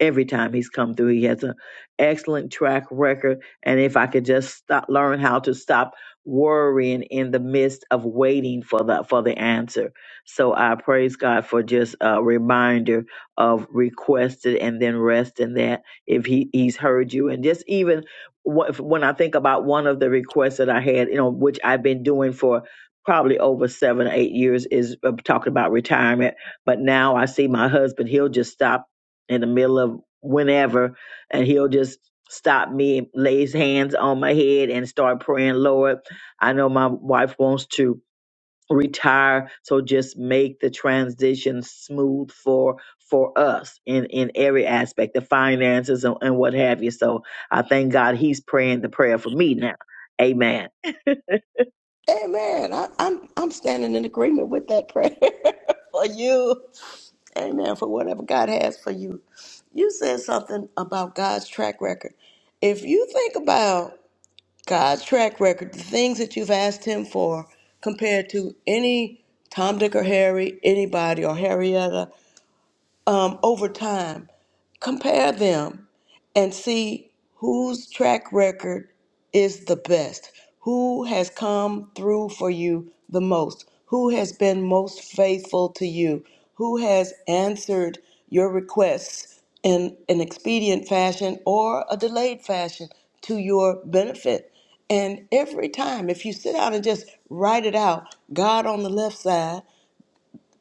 S9: every time he's come through. He has an excellent track record. And if I could just stop, learn how to stop worrying in the midst of waiting for the for the answer. So I praise God for just a reminder of requested and then rest in that if he, he's heard you. And just even wh- if- when I think about one of the requests that I had, you know, which I've been doing for probably over seven, or eight years is uh, talking about retirement. But now I see my husband, he'll just stop in the middle of whenever, and he'll just stop me, lay his hands on my head, and start praying, Lord, I know my wife wants to retire, so just make the transition smooth for for us in in every aspect, the finances and, and what have you. So I thank God He's praying the prayer for me now. Amen.
S3: Amen. I, I'm I'm standing in agreement with that prayer for you. Amen. For whatever God has for you. You said something about God's track record. If you think about God's track record, the things that you've asked Him for compared to any Tom, Dick, or Harry, anybody, or Harrietta. um, over time. Compare them and see whose track record is the best, who has come through for you the most, who has been most faithful to you, who has answered your requests in an expedient fashion or a delayed fashion to your benefit. And every time, if you sit down and just write it out, God on the left side,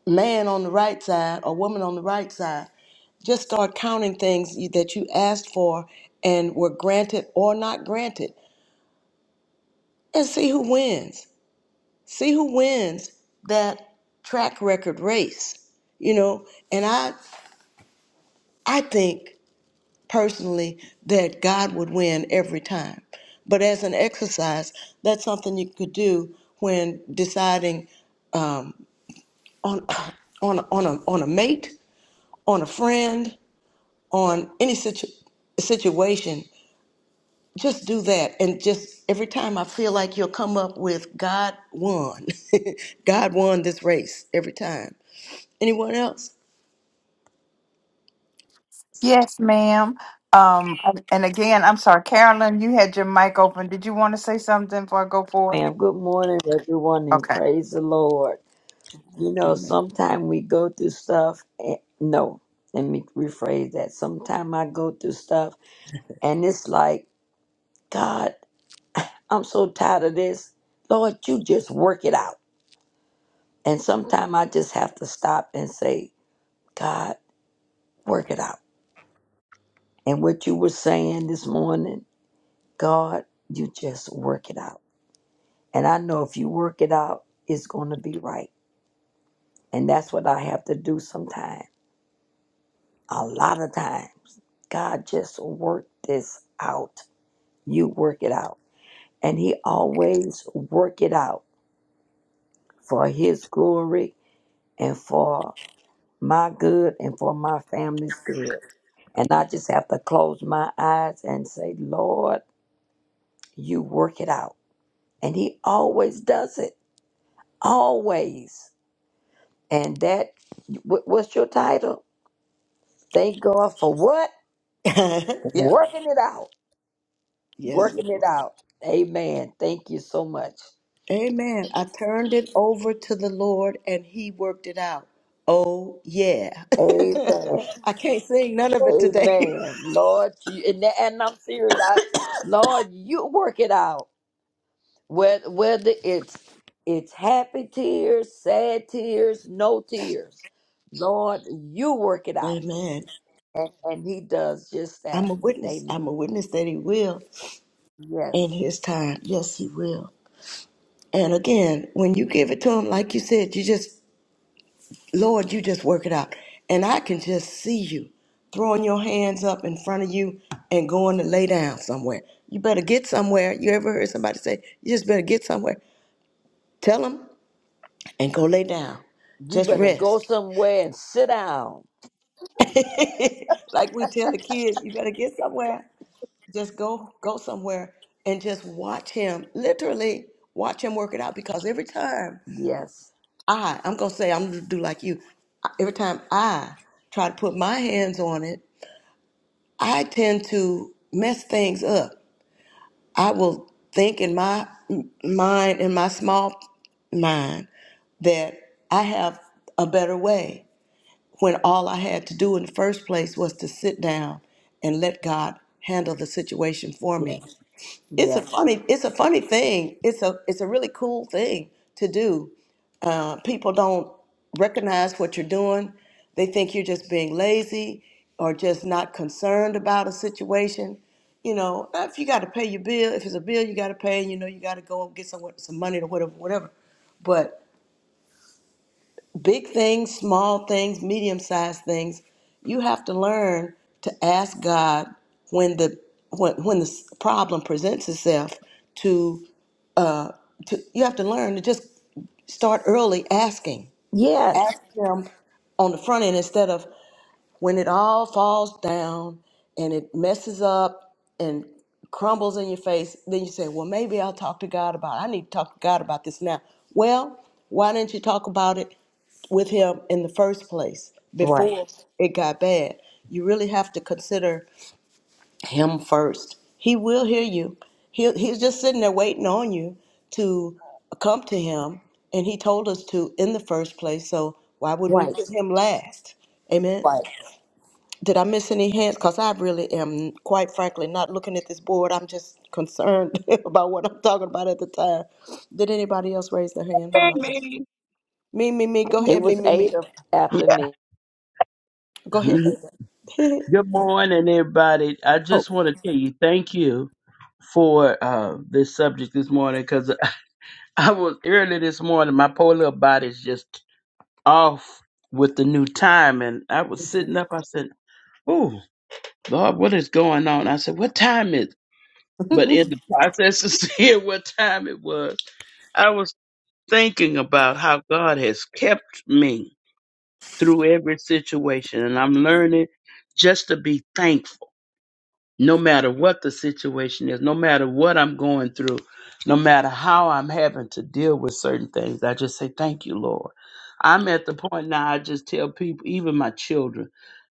S3: man on the right side or woman on the right side. Just start counting things you- that you asked for and were granted or not granted and see who wins. See who wins that track record race. You know, and I I think personally that God would win every time. But as an exercise, that's something you could do when deciding on on on a on a mate, on a friend, on any situ- situation, just do that. And just every time I feel like you'll come up with God won. God won this race every time. Anyone else?
S4: Yes, ma'am. Um, and again, I'm sorry, Carolyn, you had your mic open. Did you want to say something before I go forward?
S8: Ma'am, good morning, everyone, and
S4: Okay.
S8: praise the Lord. You know, sometimes we go through stuff. And, no, let me rephrase that. Sometimes I go through stuff, and it's like, God, I'm so tired of this. Lord, you just work it out. And sometimes I just have to stop and say, God, work it out. And what you were saying this morning, God, you just work it out. And I know if you work it out, it's going to be right And that's what I have to do sometimes. A lot of time. God just work this out. You work it out. And he always work it out for his glory and for my good and for my family's good. And I just have to close my eyes and say, Lord, you work it out. And he always does it. Always. And that, wh- what's your title? Thank God for what?
S3: yeah.
S8: Working it out.
S3: Yes, ma'am.
S8: working it out. Amen. Thank you so much.
S3: Amen. I turned it over to the Lord and he worked it out. Oh, yeah.
S8: Amen.
S3: I can't sing none of it today.
S8: Amen. Lord, you and, that- and I'm serious. I, Lord, you work it out. Whether whether it's it's happy tears, sad tears, no tears. Lord, you work it out.
S3: Amen.
S8: And, and he does just that.
S3: I'm a witness.
S8: Amen.
S3: I'm a witness that he will
S8: Yes.
S3: in his time. Yes, he will. And again, when you give it to him, like you said, you just, Lord, you just work it out. And I can just see you throwing your hands up in front of you and going to lay down somewhere. You better get somewhere. You ever heard somebody say, you just better get somewhere? Tell them and go lay down.
S8: You
S3: Just
S8: better go
S3: rest.
S8: somewhere and sit down.
S3: like we tell the kids, you better get somewhere. Just go go somewhere and just watch him. Literally watch him work it out because every time
S8: Yes.
S3: I, I'm gonna say I'm gonna do like you. Every time I try to put my hands on it, I tend to mess things up. I will think in my m- mind, in my small mind, that I have a better way when all I had to do in the first place was to sit down and let God handle the situation for me.
S8: Yes.
S3: It's a
S8: Yes.
S3: funny, it's a funny thing. It's a it's a really cool thing to do uh, people don't recognize what you're doing. They think you're just being lazy or just not concerned about a situation. You know, if you got to pay your bill, if it's a bill you got to pay, you know, you got to go and get some some money or whatever, whatever. But big things, small things, medium sized things, you have to learn to ask God when the when when the s- problem presents itself to uh to you have to learn to just start early asking
S8: Yes.
S3: ask him on the front end instead of when it all falls down and it messes up and crumbles in your face, then you say, Well, maybe I'll talk to God about it. I need to talk to God about this now. Well, why didn't you talk about it with Him in the first place
S8: Right.
S3: before it got bad? You really have to consider him first. He will hear you. He he's just sitting there waiting on you to come to him, and he told us to in the first place. So why would we
S8: Right.
S3: put him last? Amen.
S8: Right.
S3: Did I miss any hands? Cause I really am, quite frankly, not looking at this board. I'm just concerned about what I'm talking about at the time. Did anybody else raise their hand while I? was?
S10: me.
S3: Me, me, me. Go
S8: It
S3: ahead, me,
S8: was
S3: me,
S8: eight
S3: me.
S8: of-
S10: Yeah.
S8: after me.
S3: Go ahead.
S10: Mhm.
S3: baby.
S10: Good morning, everybody. I just want to tell you thank you for uh, this subject this morning because I was early this morning. My poor little body's just off with the new time, and I was sitting up. I said, "Ooh, Lord, what is going on?" I said, "What time is?" it?"
S3: Oh.
S10: But in the process of seeing what time it was, I was thinking about how God has kept me through every situation. And I'm learning just to be thankful, no matter what the situation is, no matter what I'm going through, no matter how I'm having to deal with certain things. I just say, Thank you, Lord. I'm at the point now I just tell people, even my children,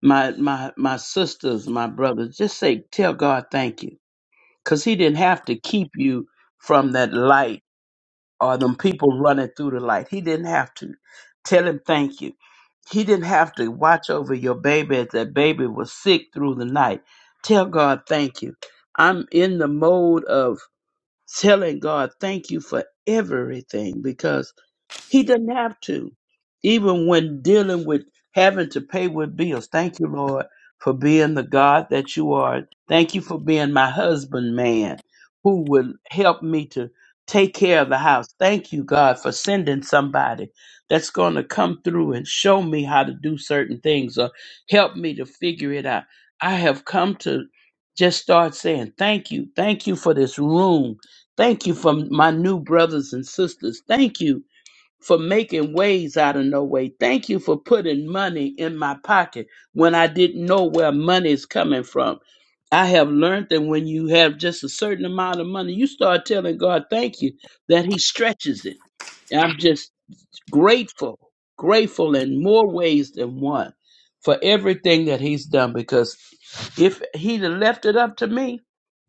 S10: my my my sisters, my brothers, just say, tell God thank you. Because he didn't have to keep you from that light or them people running through the light. He didn't have to tell him thank you. He didn't have to watch over your baby as that baby was sick through the night. Tell God thank you. I'm in the mode of telling God thank you for everything because he didn't have to, even when dealing with having to pay with bills. Thank you, Lord, for being the God that you are. Thank you for being my husband, man, who will help me to take care of the house. Thank you, God, for sending somebody that's going to come through and show me how to do certain things or help me to figure it out. I have come to just start saying thank you. Thank you for this room. Thank you for my new brothers and sisters. Thank you for making ways out of no way. Thank you for putting money in my pocket when I didn't know where money is coming from. I have learned that when you have just a certain amount of money, you start telling God, thank you, that He stretches it. And I'm just grateful, grateful in more ways than one for everything that He's done because if He'd have left it up to me,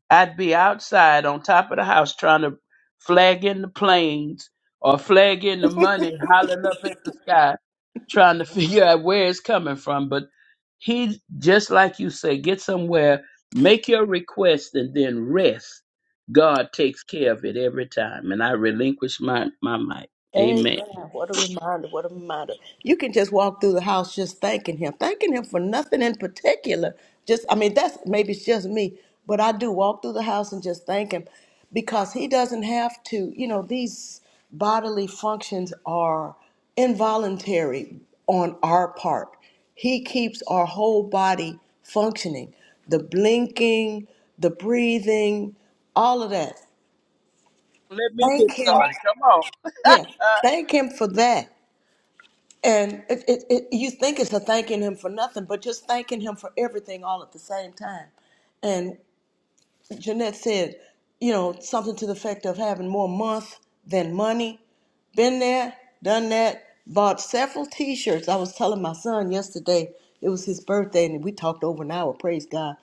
S10: I'd be outside on top of the house trying to flag in the planes or flag in the money, hollering up at the sky, trying to figure out where it's coming from. But he, just like you say, get somewhere, make your request, and then rest. God takes care of it every time. And I relinquish my, my mic.
S3: Amen.
S10: Amen.
S3: What a reminder. What a reminder. You can just walk through the house just thanking him, thanking him for nothing in particular. Just, I mean, that's maybe it's just me, but I do walk through the house and just thank him because he doesn't have to, you know, these bodily functions are involuntary on our part. He keeps our whole body functioning the blinking, the breathing, all of that.
S10: Let me
S3: Thank
S10: get
S3: him.
S10: started. Come on.
S3: Yeah.
S10: Uh,
S3: Thank him for that. And it, it, it, you think it's a thanking him for nothing, but just thanking him for everything all at the same time. And Jeanette said, you know, something to the effect of having more month than money. Been there, done that, bought several t shirts. I was telling my son yesterday, it was his birthday, and we talked over an hour, praise God.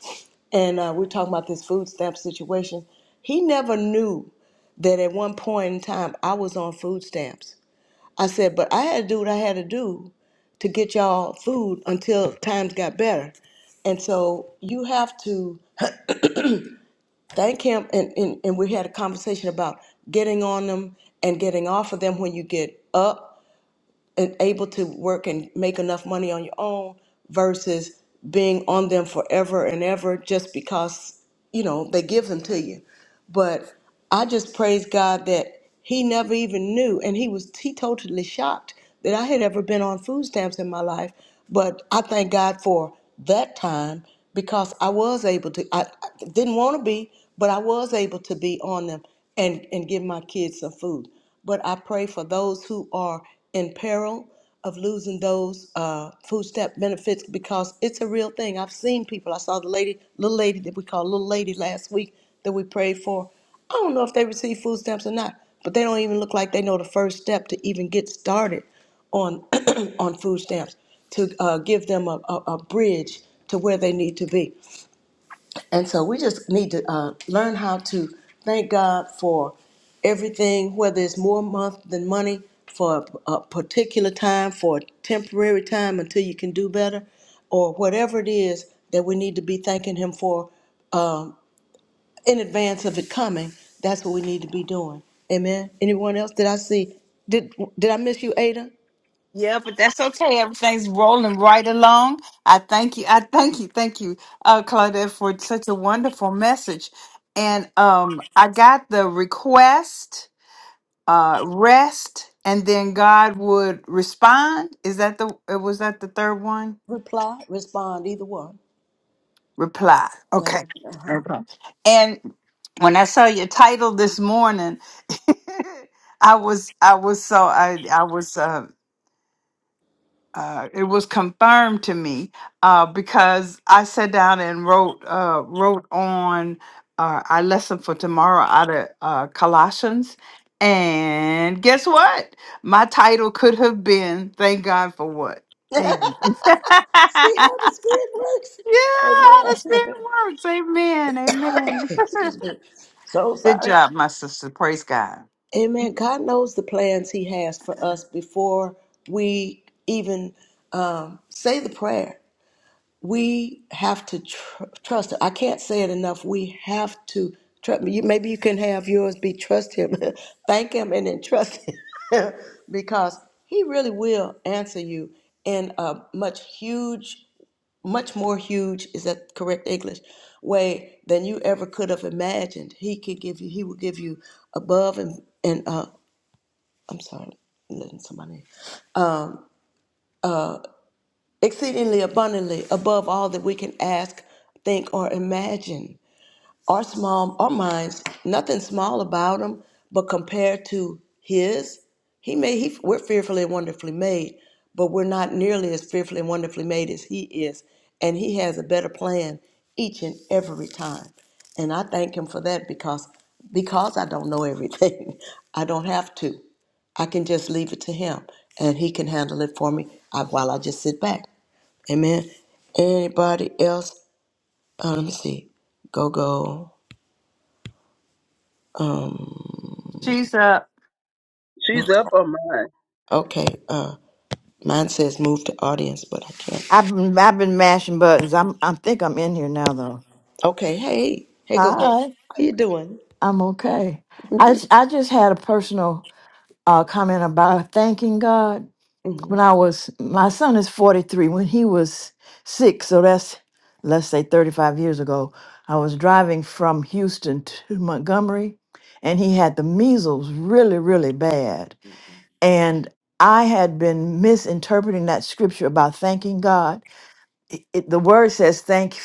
S3: And uh, we were talking about this food stamp situation. He never knew that at one point in time I was on food stamps I said, but I had to do what I had to do to get y'all food until times got better. And so you have to thank him. And, and, and we had a conversation about getting on them and getting off of them when you get up and able to work and make enough money on your own versus being on them forever and ever just because you know they give them to you but i just praise god that he never even knew and he was he totally shocked that i had ever been on food stamps in my life but i thank god for that time because i was able to i, I didn't want to be but i was able to be on them and and give my kids some food but I pray for those who are in peril of losing those uh, food stamp benefits because it's a real thing. I've seen people. I saw the lady, little lady that we call little lady last week that we prayed for. I don't know if they receive food stamps or not, but they don't even look like they know the first step to even get started on on food stamps to uh, give them a, a, a bridge to where they need to be. And so we just need to uh, learn how to thank God for everything, whether it's more month than money for a a particular time, for a temporary time until you can do better, or whatever it is that we need to be thanking Him for um, in advance of it coming. That's what we need to be doing. Amen. Anyone else? Did I see? Did Did I miss you, Ada?
S4: Yeah, but that's okay. Everything's rolling right along. I thank you. I thank you. Thank you, uh, Claudette, for such a wonderful message. And um, I got the request. uh, rest, and then God would respond. Is that the uh, was that the third one?
S3: Reply, respond, either one.
S4: Reply.
S3: Right.
S4: Okay.
S3: Uh-huh.
S4: Okay. And when I saw your title this morning, I was I was so I I was uh, uh, it was confirmed to me uh, because I sat down and wrote uh, wrote on uh, our lesson for tomorrow out of uh, Colossians, and guess what? My title could have been "Thank God for What." Amen. yeah,
S3: See how
S4: how
S3: the spirit works.
S4: the
S3: Amen.
S4: spirit works. Amen. Amen.
S3: Excuse me. So
S4: Good
S3: sorry.
S4: job, my sister. Praise God.
S3: Amen. God knows the plans He has for us before we even um, say the prayer. We have to tr- trust. Him. I can't say it enough. We have to trust. You, maybe you can have yours be trust Him, thank Him, and then trust Him because He really will answer you in a much huge much more huge is that correct english way than you ever could have imagined he can give you he will give you above and and uh i'm sorry letting somebody exceedingly abundantly above all that we can ask think or imagine Our small, our minds, nothing small about them, but compared to His, He made. He, we're fearfully and wonderfully made, but we're not nearly as fearfully and wonderfully made as He is, and He has a better plan each and every time. And I thank Him for that because because I don't know everything, I don't have to. I can just leave it to him and he can handle it for me uh, while I just sit back. Amen. Anybody else? Uh, let me see. Go, go. Um,
S4: She's up.
S10: she's up on mine.
S3: okay. Uh, mine says move to audience, but I can't.
S11: I've been I've been mashing buttons. I'm I think I'm in here now though.
S3: Okay. Hey, hey, go go.
S11: Hi,
S3: How you doing?
S11: I'm okay. I j- I just had a personal uh, comment about thanking God.
S3: hmm
S11: When I was my son is 43. When he was six, so that's let's say 35 years ago, I was driving from Houston to Montgomery, and he had the measles really really bad, and I had been misinterpreting that scripture about thanking God it, it- the word says thank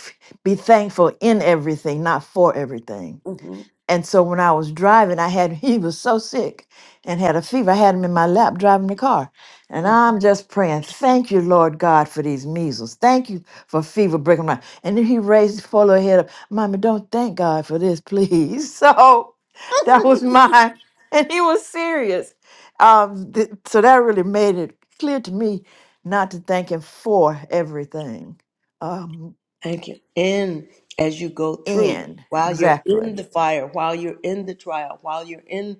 S11: be thankful in everything not for everything
S3: hmm
S11: and so when I was driving, I had he was so sick and had a fever. I had him in my lap driving the car. And I'm just praying, thank you, Lord God, for these measles. Thank you for fever breaking my. And then he raised his full head up. Mama, don't thank God for this, please. So that was mine. And he was serious. Um, th- so that really made it clear to me not to thank him for everything. Um,
S3: Thank you. And as you go through,
S11: and
S3: while you're
S11: exactly.
S3: in the fire, while you're in the trial, while you're in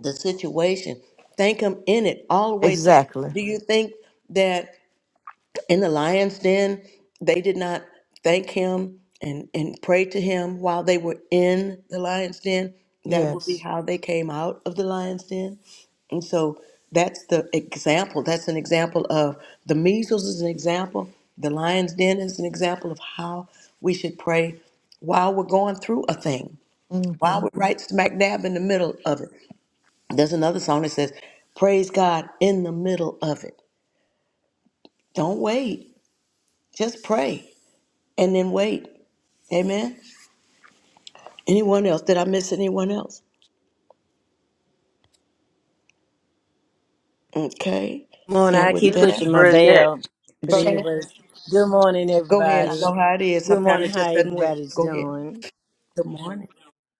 S3: the situation, thank Him in it all the way through.
S11: Exactly.
S3: Do you think that? in the lion's den, they did not thank him and, and pray to him while they were in the lion's den. That would be
S11: Yes.
S3: how they came out of the lion's den. And so that's the example. That's an example of the measles is an example. The lion's den is an example of how we should pray while we're going through a thing,
S11: Mhm.
S3: while we're right smack dab in the middle of it. There's another song that says, Praise God in the middle of it. Don't wait, just pray. and then wait. Amen. Anyone else? Did I miss anyone else? Okay.
S12: Morning.
S3: And
S12: I
S3: with
S12: keep
S10: Minister
S12: pushing
S3: that,
S12: my
S10: Burnett.
S12: bell. But
S3: Burnett,
S12: anyways, good morning,
S3: go ahead. I
S12: everybody.
S3: know how it is.
S12: Good
S3: Sometimes
S12: morning.
S3: it
S12: How
S3: just doesn't work.
S12: everybody's
S3: Go ahead.
S12: doing?
S3: Good morning.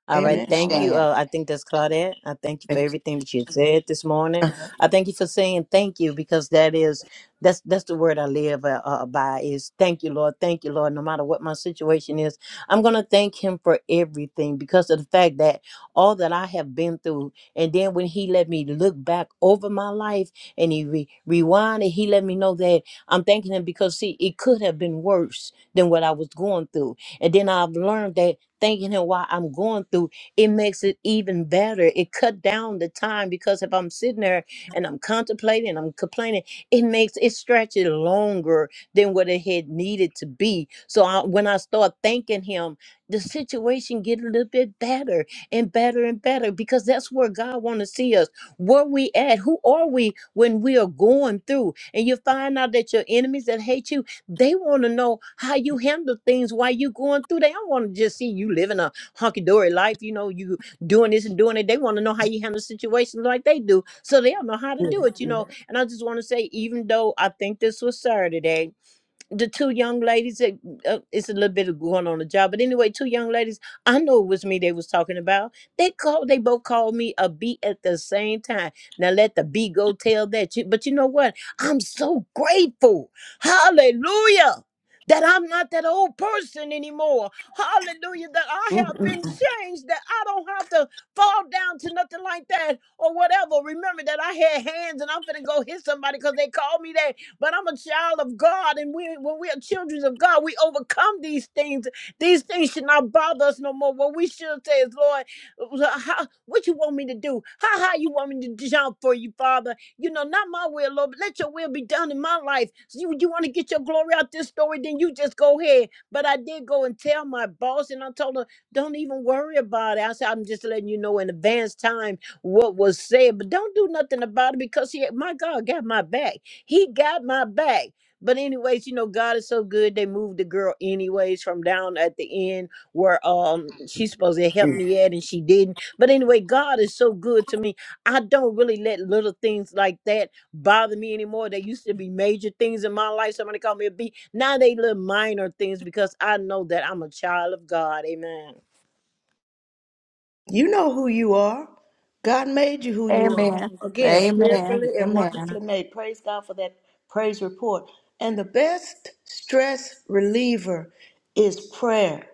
S12: All
S4: And
S12: right,
S4: then
S3: Amen. All
S12: thank
S3: right.
S12: you.
S4: Shan.
S12: Uh, I think that's Claudette. I thank you for
S3: Thank you.
S12: everything that you said this morning.
S3: Uh-huh.
S12: I thank you for saying thank you because that is that's that's the word I live uh, uh, by is thank you, Lord. Thank you, Lord. No matter what my situation is, I'm gonna thank Him for everything because of the fact that all that I have been through, and then when He let me look back over my life and He re- rewind and He let me know that I'm thanking Him because see, it could have been worse than what I was going through, and then I've learned that thanking him while I'm going through, it makes it even better. It cut down the time because if I'm sitting there and I'm contemplating, I'm complaining, it makes it stretch it longer than what it had needed to be. So I, when I start thanking him, the situation get a little bit better and better and better because that's where God want to see us. Where we at? Who are we when we are going through? And you find out that your enemies that hate you they want to know how you handle things while you going through. They don't want to just see you living a hunky dory life. You know, you doing this and doing it. They want to know how you handle situations like they do, so they don't know how to
S3: Yeah,
S12: do it. You know,
S3: yeah.
S12: and I just want to say, even though I think this was Saturday the two young ladies that uh, it's a little bit of going on the job but anyway two young ladies i know it was me they was talking about they called they both called me a b at the same time now let the b go tell that you but you know what i'm so grateful hallelujah that I'm not that old person anymore. Hallelujah. That I have
S3: Mhm.
S12: been changed. That I don't have to fall down to nothing like that or whatever. Remember that I had hands and I'm finna go hit somebody because they called me that. But I'm a child of God, and we, when we are children of God, we overcome these things. These things should not bother us no more. What we should say is, Lord, uh, how, what you want me to do? How high you want me to jump for you, Father? You know, not my will, Lord, but let your will be done in my life. So you, you want to get your glory out this story, then you just go ahead. But I did go and tell my boss, and I told her, don't even worry about it. I said, I'm just letting you know in advance time what was said, but don't do nothing about it because he, my God, got my back. He got my back. But anyways, you know, God is so good. They moved the girl anyways from down at the end where um she's supposed to help me at and she didn't. But anyway, God is so good to me. I don't really let little things like that bother me anymore. They used to be major things in my life. Somebody called me a B. Now they little minor things because I know that I'm a child of God. Amen.
S3: You know who you are. God made you who you are.
S4: Amen.
S3: Again,
S4: Amen.
S3: fearfully and
S4: Amen.
S3: wonderfully made. Praise God for that praise report. And the best stress reliever is prayer.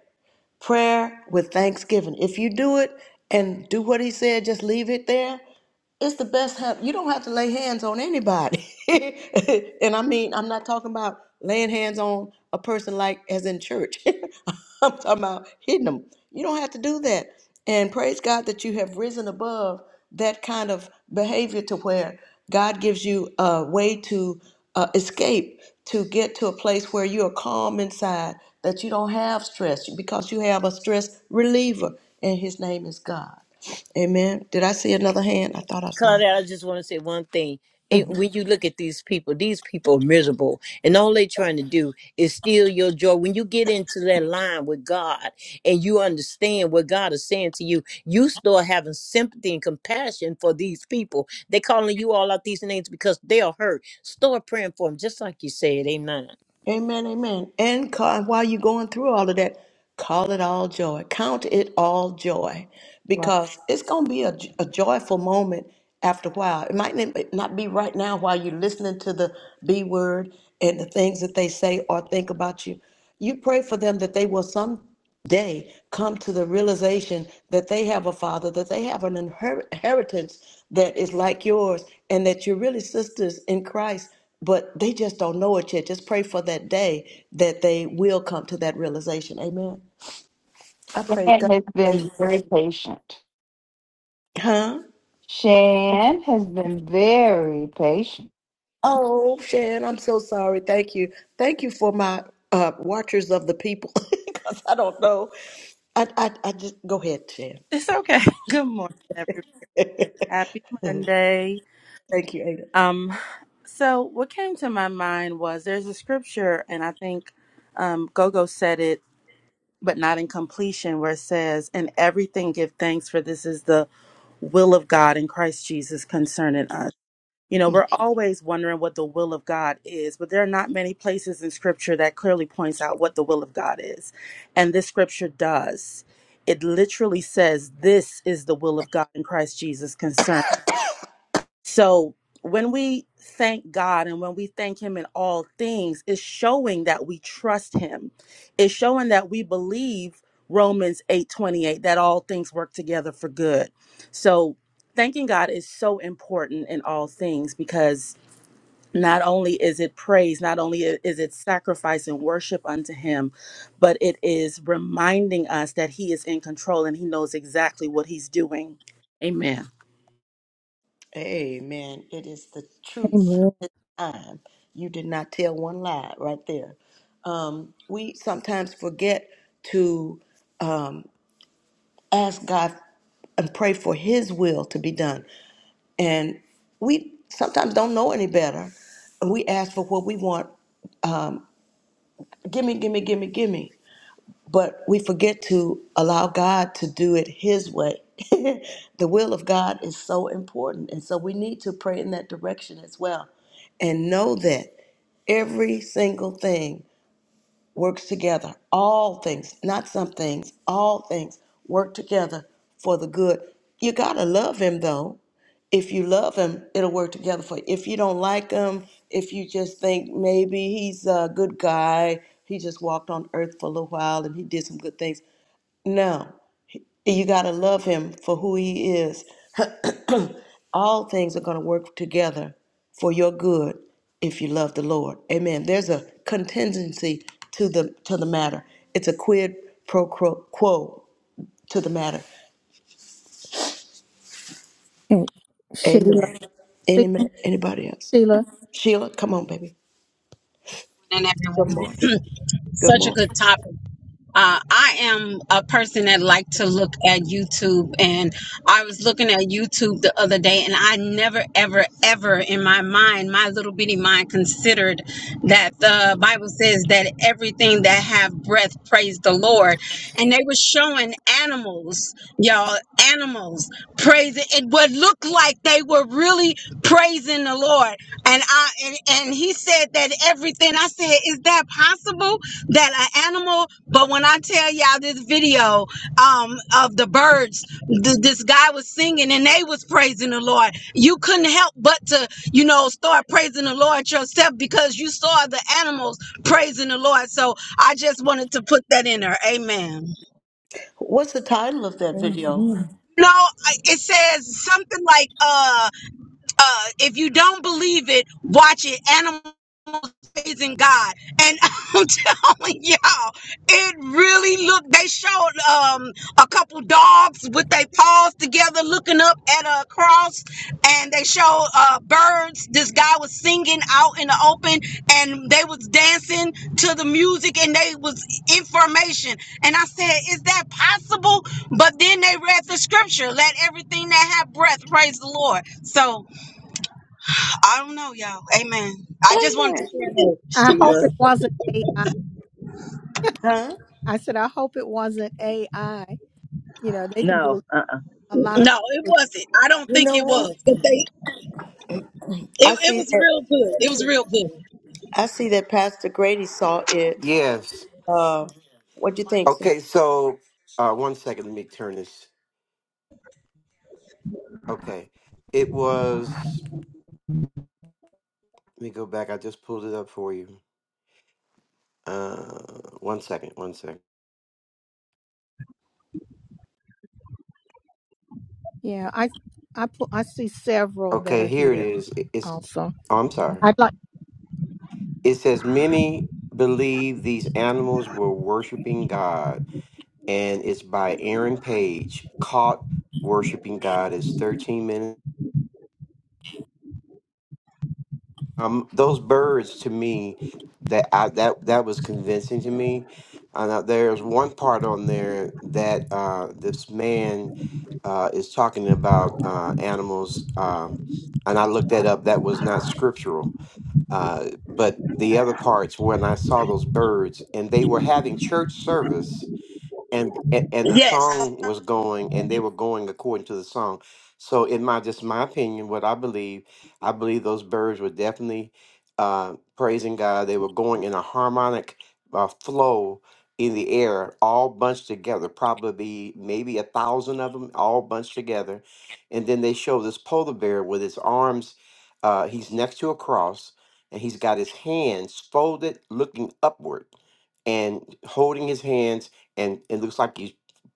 S3: prayer with thanksgiving. If you do it and do what he said, just leave it there, it's the best help. You don't have to lay hands on anybody. and I mean, I'm not talking about laying hands on a person like as in church. I'm talking about hitting them. You don't have to do that. And praise God that you have risen above that kind of behavior to where God gives you a way to uh, escape, to get to a place where you are calm inside, that you don't have stress because you have a stress reliever, and his name is God. Amen. Did I see another hand? I thought I saw.
S12: Claudette, I just want to say one thing. It,
S3: Mm.
S12: when you look at these people, these people are miserable, and all they're trying to do is steal your joy. When you get into that line with God and you understand what God is saying to you, you start having sympathy and compassion for these people. They're calling you all out these names because they are hurt. Start praying for them, just like you said. Amen.
S3: Amen. Amen. And ca- while you're going through all of that, call it all joy. Count it all joy
S4: Well,
S3: because it's going to be a, j- a joyful moment after a while. It might n- not be right now while you're listening to the B word and the things that they say or think about you. You pray for them that they will some. they come to the realization that they have a father, that they have an inheritance that is like yours, and that you're really sisters in Christ, but they just don't know it yet. Just pray for that day that they will come to that realization. Amen. I pray
S4: Shan
S3: God.
S4: has
S3: They,
S4: been very patient.
S3: huh?
S4: Shan has been very patient.
S3: Oh, Shan, I'm so sorry. Thank you. Thank you for my uh, watchers of the people, because I don't know. I, I, I just go ahead, Shan.
S5: It's okay. Good morning, everyone.
S3: Thank
S5: Happy Monday.
S3: you, Ada.
S5: Um, so what came to my mind was there's a scripture, and I think um, Gogo said it, but not in completion, where it says, "In everything give thanks, for this is the will of God in Christ Jesus concerning us." You know, we're always wondering what the will of God is, but there are not many places in scripture that clearly points out what the will of God is. And this scripture does. It literally says, This is the will of God in Christ Jesus concerned. So when we thank God and when we thank Him in all things, it's showing that we trust Him. It's showing that we believe Romans 8 28 that all things work together for good. So thanking God is so important in all things because not only is it praise, not only i- is it sacrifice and worship unto Him, but it is reminding us that He is in control and He knows exactly what He's doing. Amen.
S3: Amen. It is the truth
S1: Amen.
S3: this time. You did not tell one lie right there. Um, we sometimes forget to um, ask God and pray for His will to be done. And we sometimes don't know any better. And we ask for what we want. Gimme, gimme, gimme, gimme. but we forget to allow God to do it His way. the will of God is so important. And so we need to pray in that direction as well and know that every single thing works together. All things, not some things, all things work together for the good. You got to love him though. If you love him, it'll work together for you. If you don't like him, if you just think maybe he's a good guy, he just walked on earth for a little while and he did some good things. No, you got to love him for who he is all things are going to work together for your good if you love the Lord. Amen. There's a contingency to the to the matter. It's a quid pro quo, quo to the matter.
S1: And Sheila,
S3: Amen. Any
S1: She-
S3: ma- anybody else?
S1: Sheila,
S3: Sheila, come on, baby.
S13: and
S3: Good
S13: everyone.
S3: morning. Good
S13: Such a
S3: morning.
S13: good topic. Uh, I am a person that like to look at YouTube, and I was looking at YouTube the other day, and I never, ever, ever in my mind, my little bitty mind, considered that the Bible says that everything that have breath praise the Lord, and they were showing animals, y'all, animals praising. It would look like they were really praising the Lord, and I and, and he said that everything. I said, is that possible? that an animal but when i tell y'all this video um of the birds th- this guy was singing and they was praising the lord you couldn't help but to you know start praising the lord yourself because you saw the animals praising the lord so i just wanted to put that in there amen
S3: What's the title of that video?
S1: Amen.
S13: no I- it says something like uh uh, if you don't believe it, watch it. Animals praising God, and I'm telling y'all, it really looked. They showed um a couple dogs with their paws together, looking up at a cross, and they showed uh birds. This guy was singing out in the open, and they was dancing to the music, and they was information. And I said, "Is that possible?" But then they read the scripture, "Let everything that have breath praise the Lord." So I don't know, y'all. Amen. I just wanted to share
S9: Oh,
S13: that.
S1: I hope
S9: Sheila.
S1: it wasn't AI.
S3: Huh?
S1: I said, I hope it wasn't AI. You know, they can
S9: No.
S1: do
S9: Uh-uh.
S1: a lot of
S13: No,
S1: things
S13: it
S1: with.
S13: wasn't. I don't
S3: You
S13: think
S3: know
S13: it
S3: what?
S13: was. But they,
S3: I
S13: it, it
S3: see
S13: was
S3: that.
S13: real good. It was real good.
S3: I see that Pastor Grady saw it.
S14: Yes.
S3: Uh, what do you think, sir?
S14: Okay, so uh one second, let me turn this. Okay. It was let me go back. I just pulled it up for you. Uh one second, one second.
S1: Yeah, I I pu- I see several that
S14: Okay,
S1: are
S14: here it
S1: here
S14: is. I- It's
S1: also.
S14: oh, I'm sorry.
S1: I'd like.
S14: It says many believe these animals were worshiping God and it's by Aaron Page, caught worshiping God is 13 minutes Um, those birds to me, that I that that was convincing to me. Uh, now there's one part on there that uh, this man uh, is talking about uh, animals, um, and I looked that up. That was not scriptural. Uh, but the other parts, when I saw those birds, and they were having church service, and a- and the
S13: Yes.
S14: song was going and they were going according to the song so in my just my opinion what i believe i believe those birds were definitely uh, praising god they were going in a harmonic uh, flow in the air all bunched together probably maybe a thousand of them all bunched together and then they show this polar bear with his arms uh, he's next to a cross and he's got his hands folded looking upward and holding his hands and it looks like he's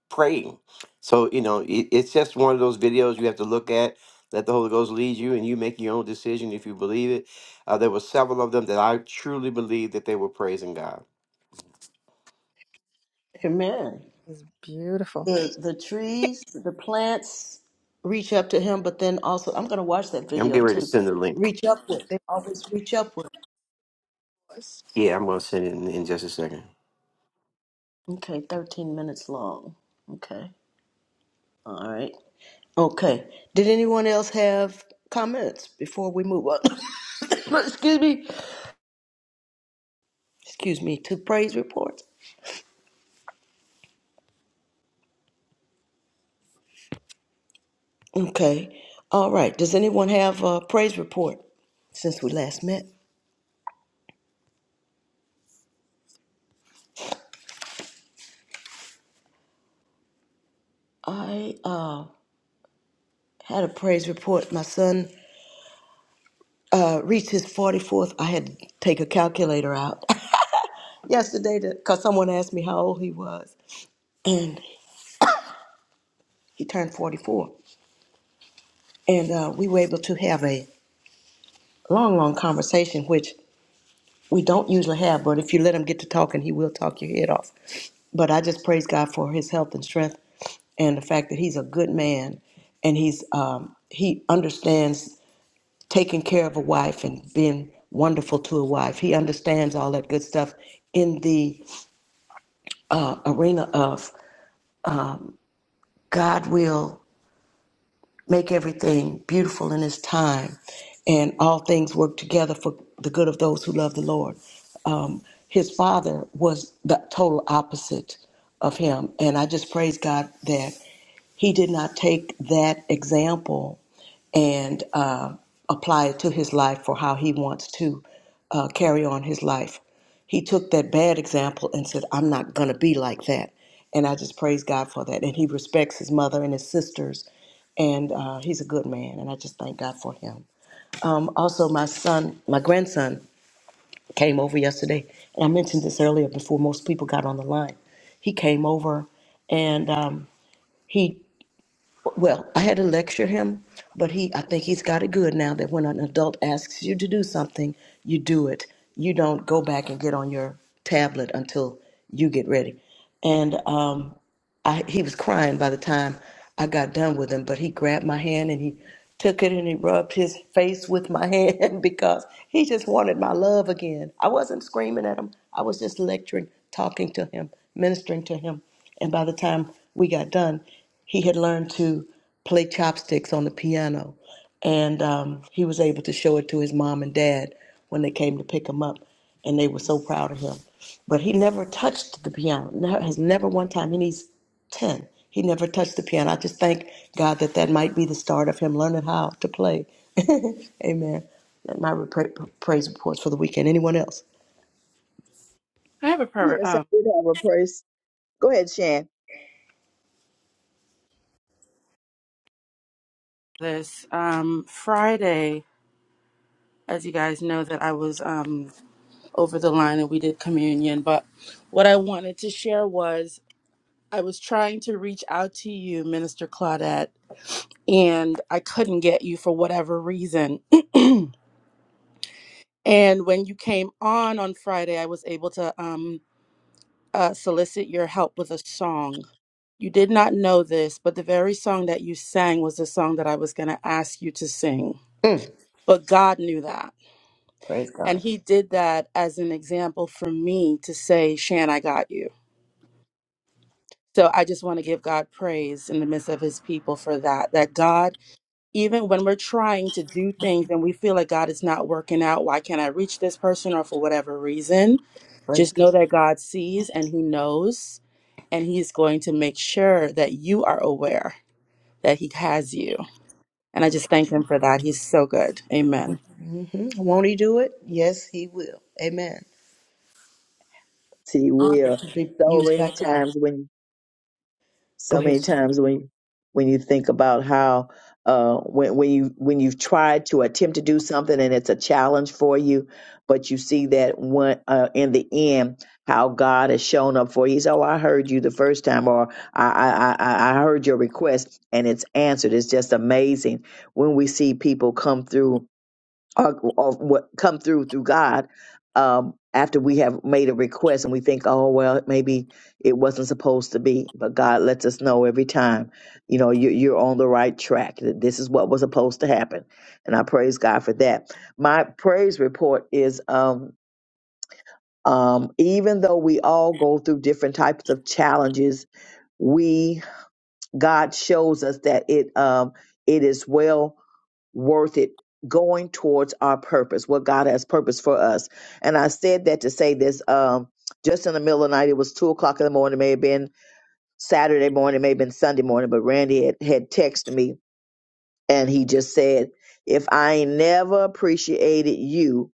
S14: praying. So, you know, it, it's just one of those videos you have to look at, let the Holy Ghost lead you, and you make your own decision if you believe it. Uh, there were several of them that I truly believe that they were praising God.
S3: Amen.
S1: It's beautiful.
S3: the the trees, the plants reach up to him, but then also I'm gonna watch that
S14: I'm
S3: video
S14: getting ready to
S3: too.
S14: send the link.
S3: Reach upward. They always reach upward.
S14: Yeah, I'm going to send it in, in just a second.
S3: Okay, thirteen minutes long. Okay. All right. Okay. Did anyone else have comments before we move on? Excuse me. Excuse me, to praise reports. Okay. All right. Does anyone have a praise report since we last met? I uh, had a praise report. My son uh, reached his 44th, I had to take a calculator out yesterday because someone asked me how old he was. And he turned 44. And uh, we were able to have a long, long conversation, which we don't usually have, but if you let him get to talking, he will talk your head off. But I just praise God for his health and strength and the fact that he's a good man and he's um, he understands taking care of a wife and being wonderful to a wife. He understands all that good stuff in the uh, arena of God will make everything beautiful in His time, and all things work together for the good of those who love the Lord. Um, his father was the total opposite of him, and I just praise God that. he did not take that example and uh, apply it to his life for how he wants to uh, carry on his life. He took that bad example and said, I'm not going to be like that. And I just praise God for that. And he respects his mother and his sisters. And uh, he's a good man. And I just thank God for him. Um, also, my son, my grandson came over yesterday. And I mentioned this earlier before most people got on the line. He came over and um, he well, I had to lecture him, but he I think he's got it good now that when an adult asks you to do something, you do it. You don't go back and get on your tablet until you get ready. And um I, he was crying by the time I got done with him, but he grabbed my hand and he took it and he rubbed his face with my hand because he just wanted my love again. I wasn't screaming at him, I was just lecturing, talking to him, ministering to him. And by the time we got done, he had learned to play chopsticks on the piano. And um, he was able to show it to his mom and dad when they came to pick him up. And they were so proud of him. But he never touched the piano, never, has never one time. And he's 10. He never touched the piano. I just thank God that that might be the start of him learning how to play. Amen. And my pra- praise reports for the weekend. Anyone else?
S5: I have a prayer
S9: Yes, I
S5: um,
S9: did have a praise. Go ahead, Shan.
S5: this um, Friday. As you guys know, that I was um, over the line and we did communion. But what I wanted to share was I was trying to reach out to you, Minister Claudette, and I couldn't get you for whatever reason And when you came on on Friday, I was able to um, uh, solicit your help with a song. You did not know this, but the very song that you sang was the song that I was going to ask you to sing.
S3: Mm.
S5: But God knew that.
S3: Praise
S5: And
S3: God.
S5: He did that as an example for me to say, Shan, I got you. So I just want to give God praise in the midst of His people for that, that God even when we're trying to do things and we feel like God is not working out, why can't I reach this person or for whatever reason?
S3: Praise
S5: Just know
S3: God.
S5: that God sees and He knows, and He's going to make sure that you are aware that He has you. And I just thank Him for that. He's so good. Amen.
S3: hmm Won't he do it? Yes, he will. Amen.
S9: She
S3: Honored
S9: will.
S3: to be
S9: So
S3: used
S9: many
S3: by God.
S9: times when you
S3: Go
S9: so
S3: ahead.
S9: many
S3: Sue.
S9: times when when you think about how uh, when when you when you've tried to attempt to do something and it's a challenge for you, but you see that one uh, in the end how God has shown up for you. He's oh I heard you the first time, or I I I, I I heard your request and it's answered. It's just amazing when we see people come through or, or what come through through God um, after we have made a request and we think, oh well, maybe it wasn't supposed to be, but God lets us know every time, you know, you, you're on the right track. That this is what was supposed to happen, and I praise God for that. My praise report is. Um, um, even though we all go through different types of challenges, we God shows us that it um, it is well worth it going towards our purpose, what God has purpose for us. And I said that to say this um, just in the middle of the night. It was two o'clock in the morning, it may have been Saturday morning, it may have been Sunday morning, but Randy had, had texted me and he just said, If I ain't never appreciated you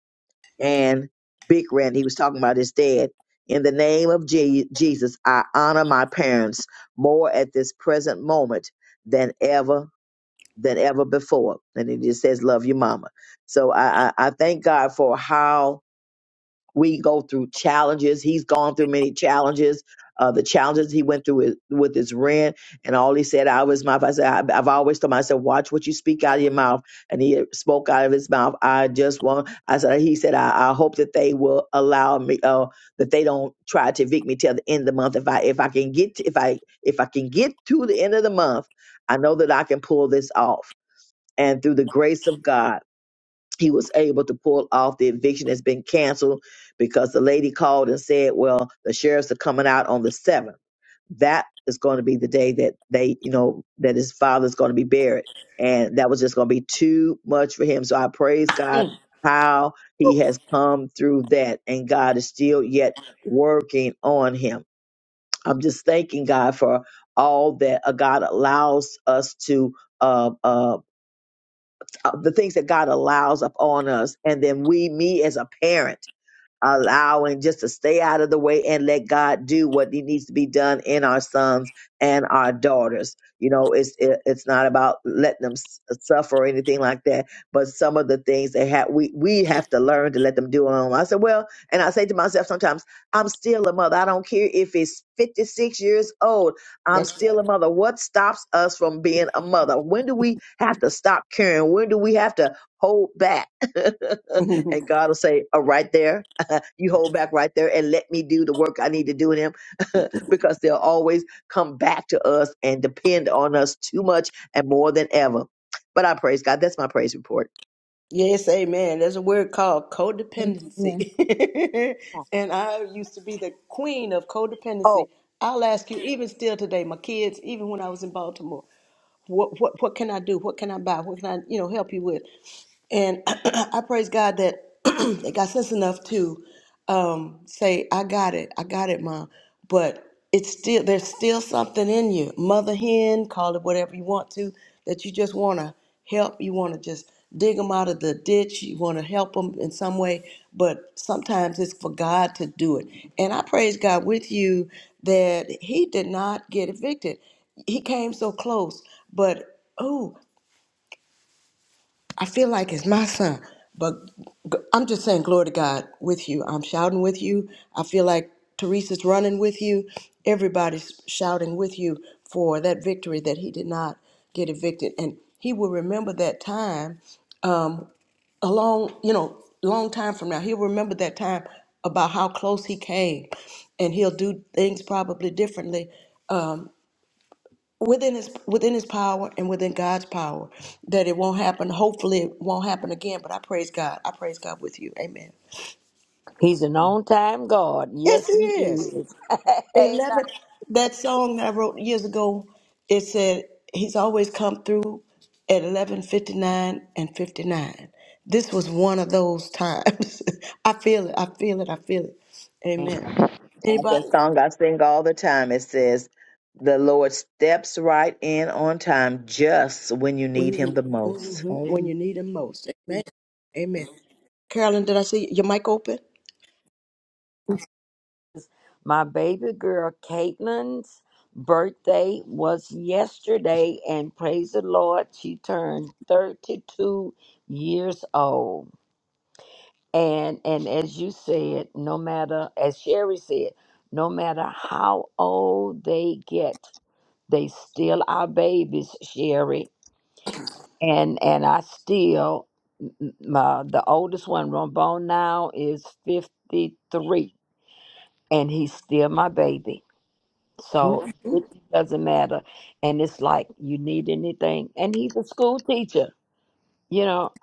S9: and Big Randy, he was talking about his dad. In the name of Je- Jesus, I honor my parents more at this present moment than ever than ever before. And it just says, love your mama. So I, I, I thank God for how we go through challenges. He's gone through many challenges. Uh, the challenges he went through with, with his rent and all he said out of his mouth. I said, I, I've always told myself, watch what you speak out of your mouth. And he spoke out of his mouth. I just want, I said, he said, I, I hope that they will allow me, uh, that they don't try to evict me till the end of the month. If I, if I can get, to, if I, if I can get to the end of the month, I know that I can pull this off and through the grace of God, he was able to pull off the eviction that's been canceled because the lady called and said, "Well, the sheriffs are coming out on the seventh. That is going to be the day that they, you know, that his father's going to be buried, and that was just going to be too much for him." So I praise God
S3: Mm.
S9: how he has come through that, and God is still yet working on him. I'm just thanking God for all that uh, God allows us to. uh, uh, uh, the things that God allows upon us. And then we, me as a parent, allowing just to stay out of the way and let God do what he needs to be done in our sons and our daughters. You know, it's it, it's not about letting them s- suffer or anything like that. But some of the things they have, we we have to learn to let them do on I said, well, and I say to myself sometimes, I'm still a mother. I don't care if it's 56 years old. I'm
S3: That's
S9: still a mother. What stops us from being a mother? When do we have to stop caring? When do we have to hold back?
S3: right.
S9: and God will say, "Oh, right there." You hold back right there and let me do the work I need to do in him because they'll always come back to us and depend on us too much and more than ever. But I praise God. That's my praise report.
S3: Yes, amen. There's a word called
S1: Thank- you.
S3: codependency.
S1: Yeah,
S3: and I used to be the queen of codependency.
S9: Oh,
S3: I'll ask you, even still today, my kids, even when I was in Baltimore, what, what, what can I do? What can I buy? What can I, you know, help you with? And I praise God that they got sense enough to um, say, I got it, I got it, mom. But it's still, there's still something in you. Mother hen, call it whatever you want to, that you just want to help. You want to just dig them out of the ditch. You want to help them in some way. But sometimes it's for God to do it. And I praise God with you that he did not get evicted. He came so close, but oh, I feel like it's my son. But g- I'm just saying, glory to God with you. I'm shouting with you. I feel like Teresa's running with you. Everybody's shouting with you for that victory that he did not get evicted. And he will remember that time um, a long, you know, long time from now, he'll remember that time about how close he came, and he'll do things probably differently um, within his within his power and within God's power. That it won't happen. Hopefully, it won't happen again. But I praise God. I praise God with you. Amen.
S8: He's an on time God.
S3: Yes,
S8: Yes,
S3: He
S8: he
S3: is.
S8: is.
S3: 11
S8: Amen.
S3: that song i wrote years ago it said he's always come through at 11:59 and 59 this was one of those times i feel it i feel it i feel it amen
S9: like that
S3: anybody
S9: song I sing all the time. It says, The Lord steps right in on time just when you
S3: when
S9: need
S3: you
S9: him the most.
S3: mhm, when
S8: Amen.
S3: you need him most amen amen carolyn did i see your mic open
S8: My baby girl Caitlin's birthday was yesterday, and praise the Lord, she turned 32 years old. And and as you said, no matter as Sherry said, no matter how old they get, they still are babies, Sherry and and I still m- m- my the oldest one, Rombone now is fifty three, and he's still my baby. So it doesn't matter. And it's like you need anything, and he's a school teacher, you know.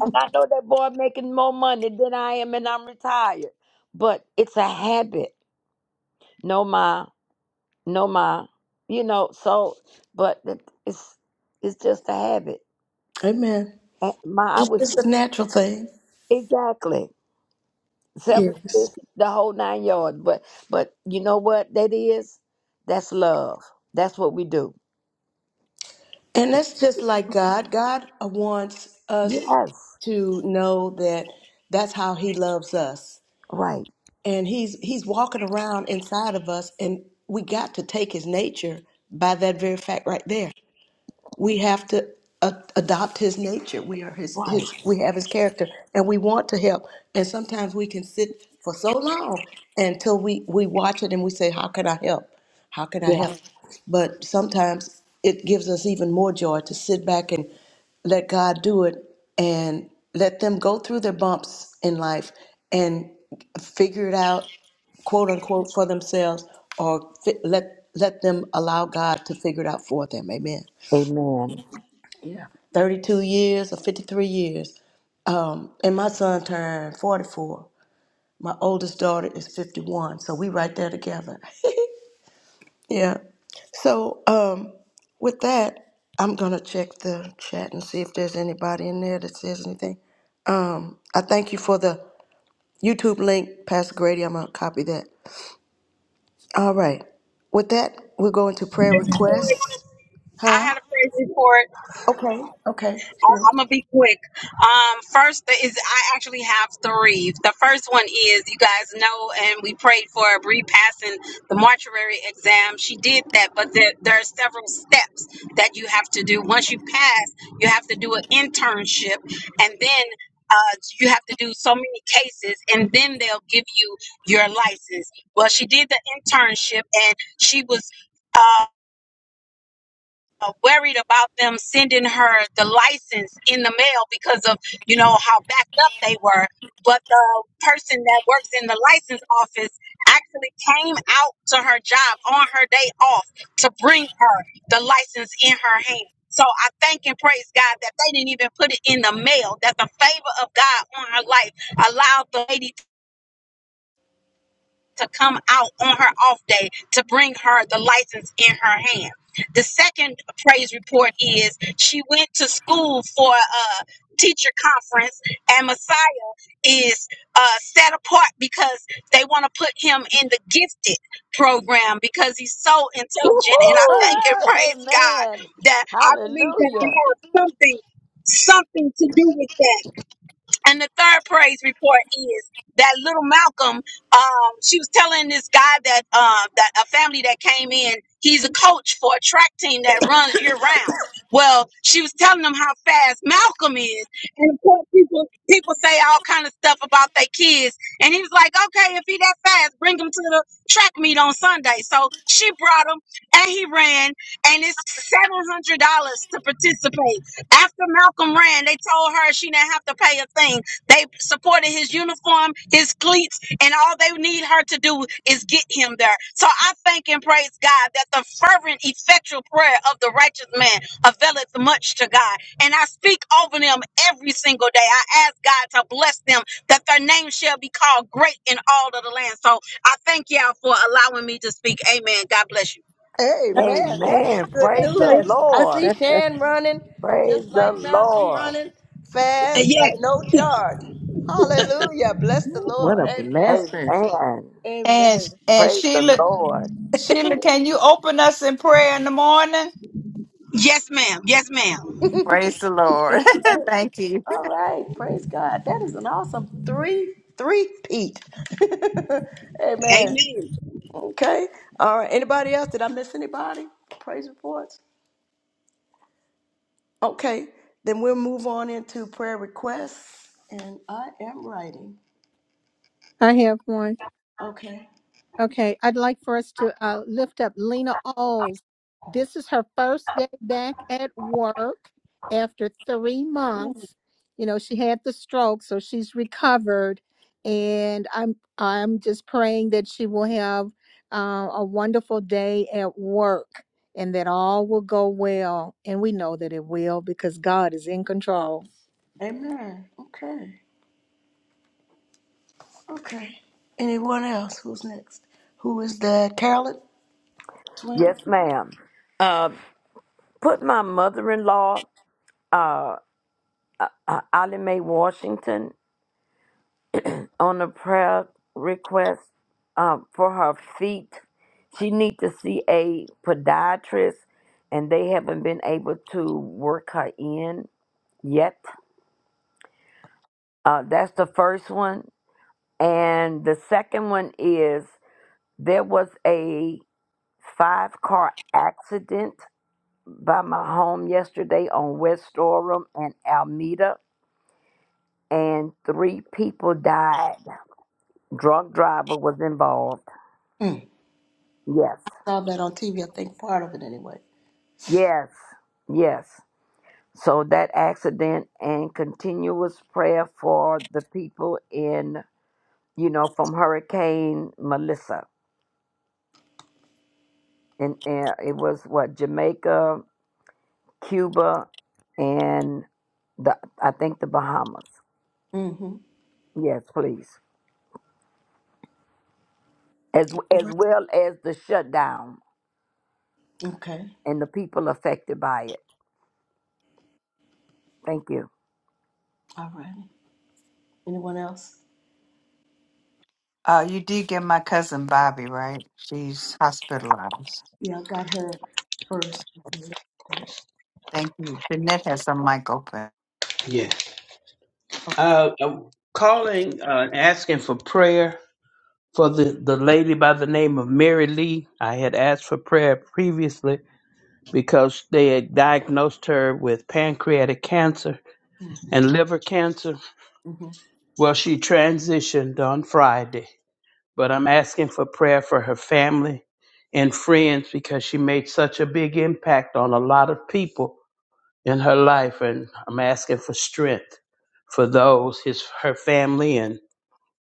S8: And I know that boy making more money than I am, and I'm retired. But it's a habit. No ma, no ma, you know. So, but it- it's it's just a habit.
S3: amen
S8: And my, I
S3: it's
S8: was
S3: just
S8: just,
S3: a natural thing
S8: exactly. selfish,
S3: yes
S8: the whole nine yards. But but you know what that is? That's love. That's what we do.
S3: And that's just like God. God uh, wants us
S8: Yes.
S3: to know that that's how he loves us.
S8: Right.
S3: And he's he's walking around inside of us and we got to take his nature by that very fact right there we have to a- adopt his nature. We are his,
S8: Right.
S3: his, we have his character and we want to help. And sometimes we can sit for so long until we, we watch it and we say, how can I help? How can I
S8: Yeah.
S3: help? But sometimes it gives us even more joy to sit back and let God do it and let them go through their bumps in life and figure it out quote unquote for themselves or fi- let let them allow God to figure it out for them. Amen.
S8: Amen.
S3: 32 years or 53 years. Um, and my son turned 44. My oldest daughter is 51. So we right there together. yeah. So um, with that, I'm going to check the chat and see if there's anybody in there that says anything. I thank you for the YouTube link, Pastor Grady. I'm going to copy that. All right. With that, we'll go into prayer requests.
S13: I
S3: Huh?
S13: had a praise report.
S3: Okay. Okay. Sure.
S13: I'm gonna be quick. Um, first th- is I actually have three. The first one is you guys know, and we prayed for Bree passing the mortuary exam. She did that, but there, there are several steps that you have to do. Once you pass, you have to do an internship, and then uh, you have to do so many cases, and then they'll give you your license. Well, she did the internship, and she was. uh, uh, worried about them sending her the license in the mail because of you know how backed up they were but the person that works in the license office actually came out to her job on her day off to bring her the license in her hand so i thank and praise god that they didn't even put it in the mail that the favor of god on her life allowed the lady to come out on her off day to bring her the license in her hand. The second praise report is she went to school for a teacher conference, and Messiah is uh, set apart because they want to put him in the gifted program because he's so intelligent. And I
S8: Woo-hoo!
S13: thank and praise God
S8: Amen.
S13: that I believe that I
S8: Hallelujah.
S13: have something, something to do with that and the third praise report is that little Malcolm. Um, she was telling this guy that um, that a family that came in. He's a coach for a track team that runs year round. Well, she was telling them how fast Malcolm is, and of course people people say all kind of stuff about their kids. And he was like, "Okay, if he that fast, bring him to the track meet on Sunday." So she brought him, and he ran, and it's seven hundred dollars to participate. After Malcolm ran, they told her she didn't have to pay a thing. They supported his uniform, his cleats, and all they need her to do is get him there. So I thank and praise God that the fervent, effectual prayer of the righteous man availeth much to God. And I speak over them every single day. I ask God to bless them that their name shall be called great in all of the land. So I thank y'all for allowing me to speak. Amen. God bless you.
S3: Hey man, that's
S8: Amen.
S3: good
S8: Praise the
S3: news. I
S8: Lord.
S3: see Shan running just
S8: Praise the
S3: like Malcolm
S8: Lord.
S3: running
S13: Uh,
S3: fast
S13: Yeah.
S3: at no charge. Hallelujah. Bless the
S15: Ooh, What
S3: Lord.
S15: a
S3: Amen.
S15: blessing.
S8: Amen.
S4: And
S3: Amen.
S4: and
S8: Praise the
S4: Sheila
S8: Lord.
S4: Sheila, can you open us in prayer in the morning?
S13: Yes, ma'am. Yes, ma'am.
S4: Praise the Lord. Thank you.
S3: All right. Praise God. That is an awesome three three peat. Amen.
S13: Amen.
S3: Okay. All right. Anybody else? Did I miss anybody? Praise reports. Okay. Then we'll move on into prayer requests. And I am writing.
S1: I have one.
S3: Okay.
S1: Okay, I'd like for us to uh, lift up Lena Alls. This is her first day back at work after three months. You know, she had the stroke, so she's recovered, and I'm I'm just praying that she will have uh, a wonderful day at work and that all will go well. And we know that it will because God is in control.
S3: Amen. Okay. Okay. Anyone else? Who's next? Who is that? Carolyn twin?
S8: Yes, ma'am. Uh, put my mother-in-law, uh, uh, uh, Allie Mae Washington. on a prayer request um, for her feet. She needs to see a podiatrist, and they haven't been able to work her in yet. Uh, that's the first one. And the second one is there was a five car accident by my home yesterday on West Orem and Alameda, and three people died. Drunk driver was involved.
S3: Mm.
S8: Yes.
S3: Saw that on TV. I think part of it anyway.
S8: Yes, yes. So that accident and continuous prayer for the people in, you know, from Hurricane Melissa. And, and it was what, Jamaica, Cuba, and the I think the Bahamas.
S3: Mm-hmm.
S8: Yes, please. As as well as the shutdown
S3: Okay.
S8: and the people affected by it. Thank you.
S3: All right. Anyone else?
S4: Uh, you did get my cousin Bobby, right? She's hospitalized.
S3: Yeah, I got her first. Okay.
S4: Thank you. Jeanette has the mic open.
S10: Yeah. Uh, I'm calling, uh, asking for prayer For the, the lady by the name of Mary Lee, I had asked for prayer previously because they had diagnosed her with pancreatic cancer
S3: Mm.
S10: and liver cancer.
S3: Mm-hmm.
S10: Well, she transitioned on Friday, but I'm asking for prayer for her family and friends because she made such a big impact on a lot of people in her life, and I'm asking for strength for those, his her family, and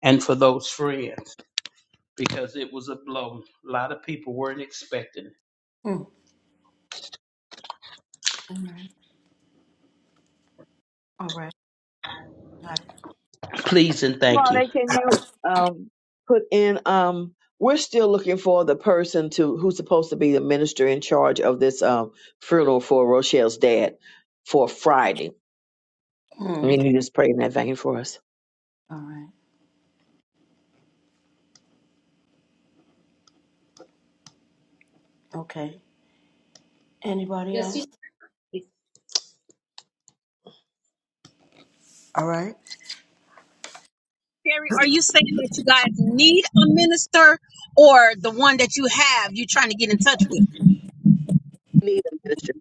S10: and for those friends. because it was a blow. A lot of people weren't expecting it.
S3: Mm. Amen. All right. Got it.
S10: Please and thank you.
S9: Claudia, can you um, put in? Um, we're still looking for the person to who's supposed to be the minister in charge of this um, funeral for Rochelle's dad for Friday.
S3: Mm.
S9: Can you just pray in that vein for us?
S3: All right. Okay. Anybody else? All right.
S13: Terry, are you saying that you guys need a minister or the one that you have you're trying to get in touch with?
S9: Need a minister.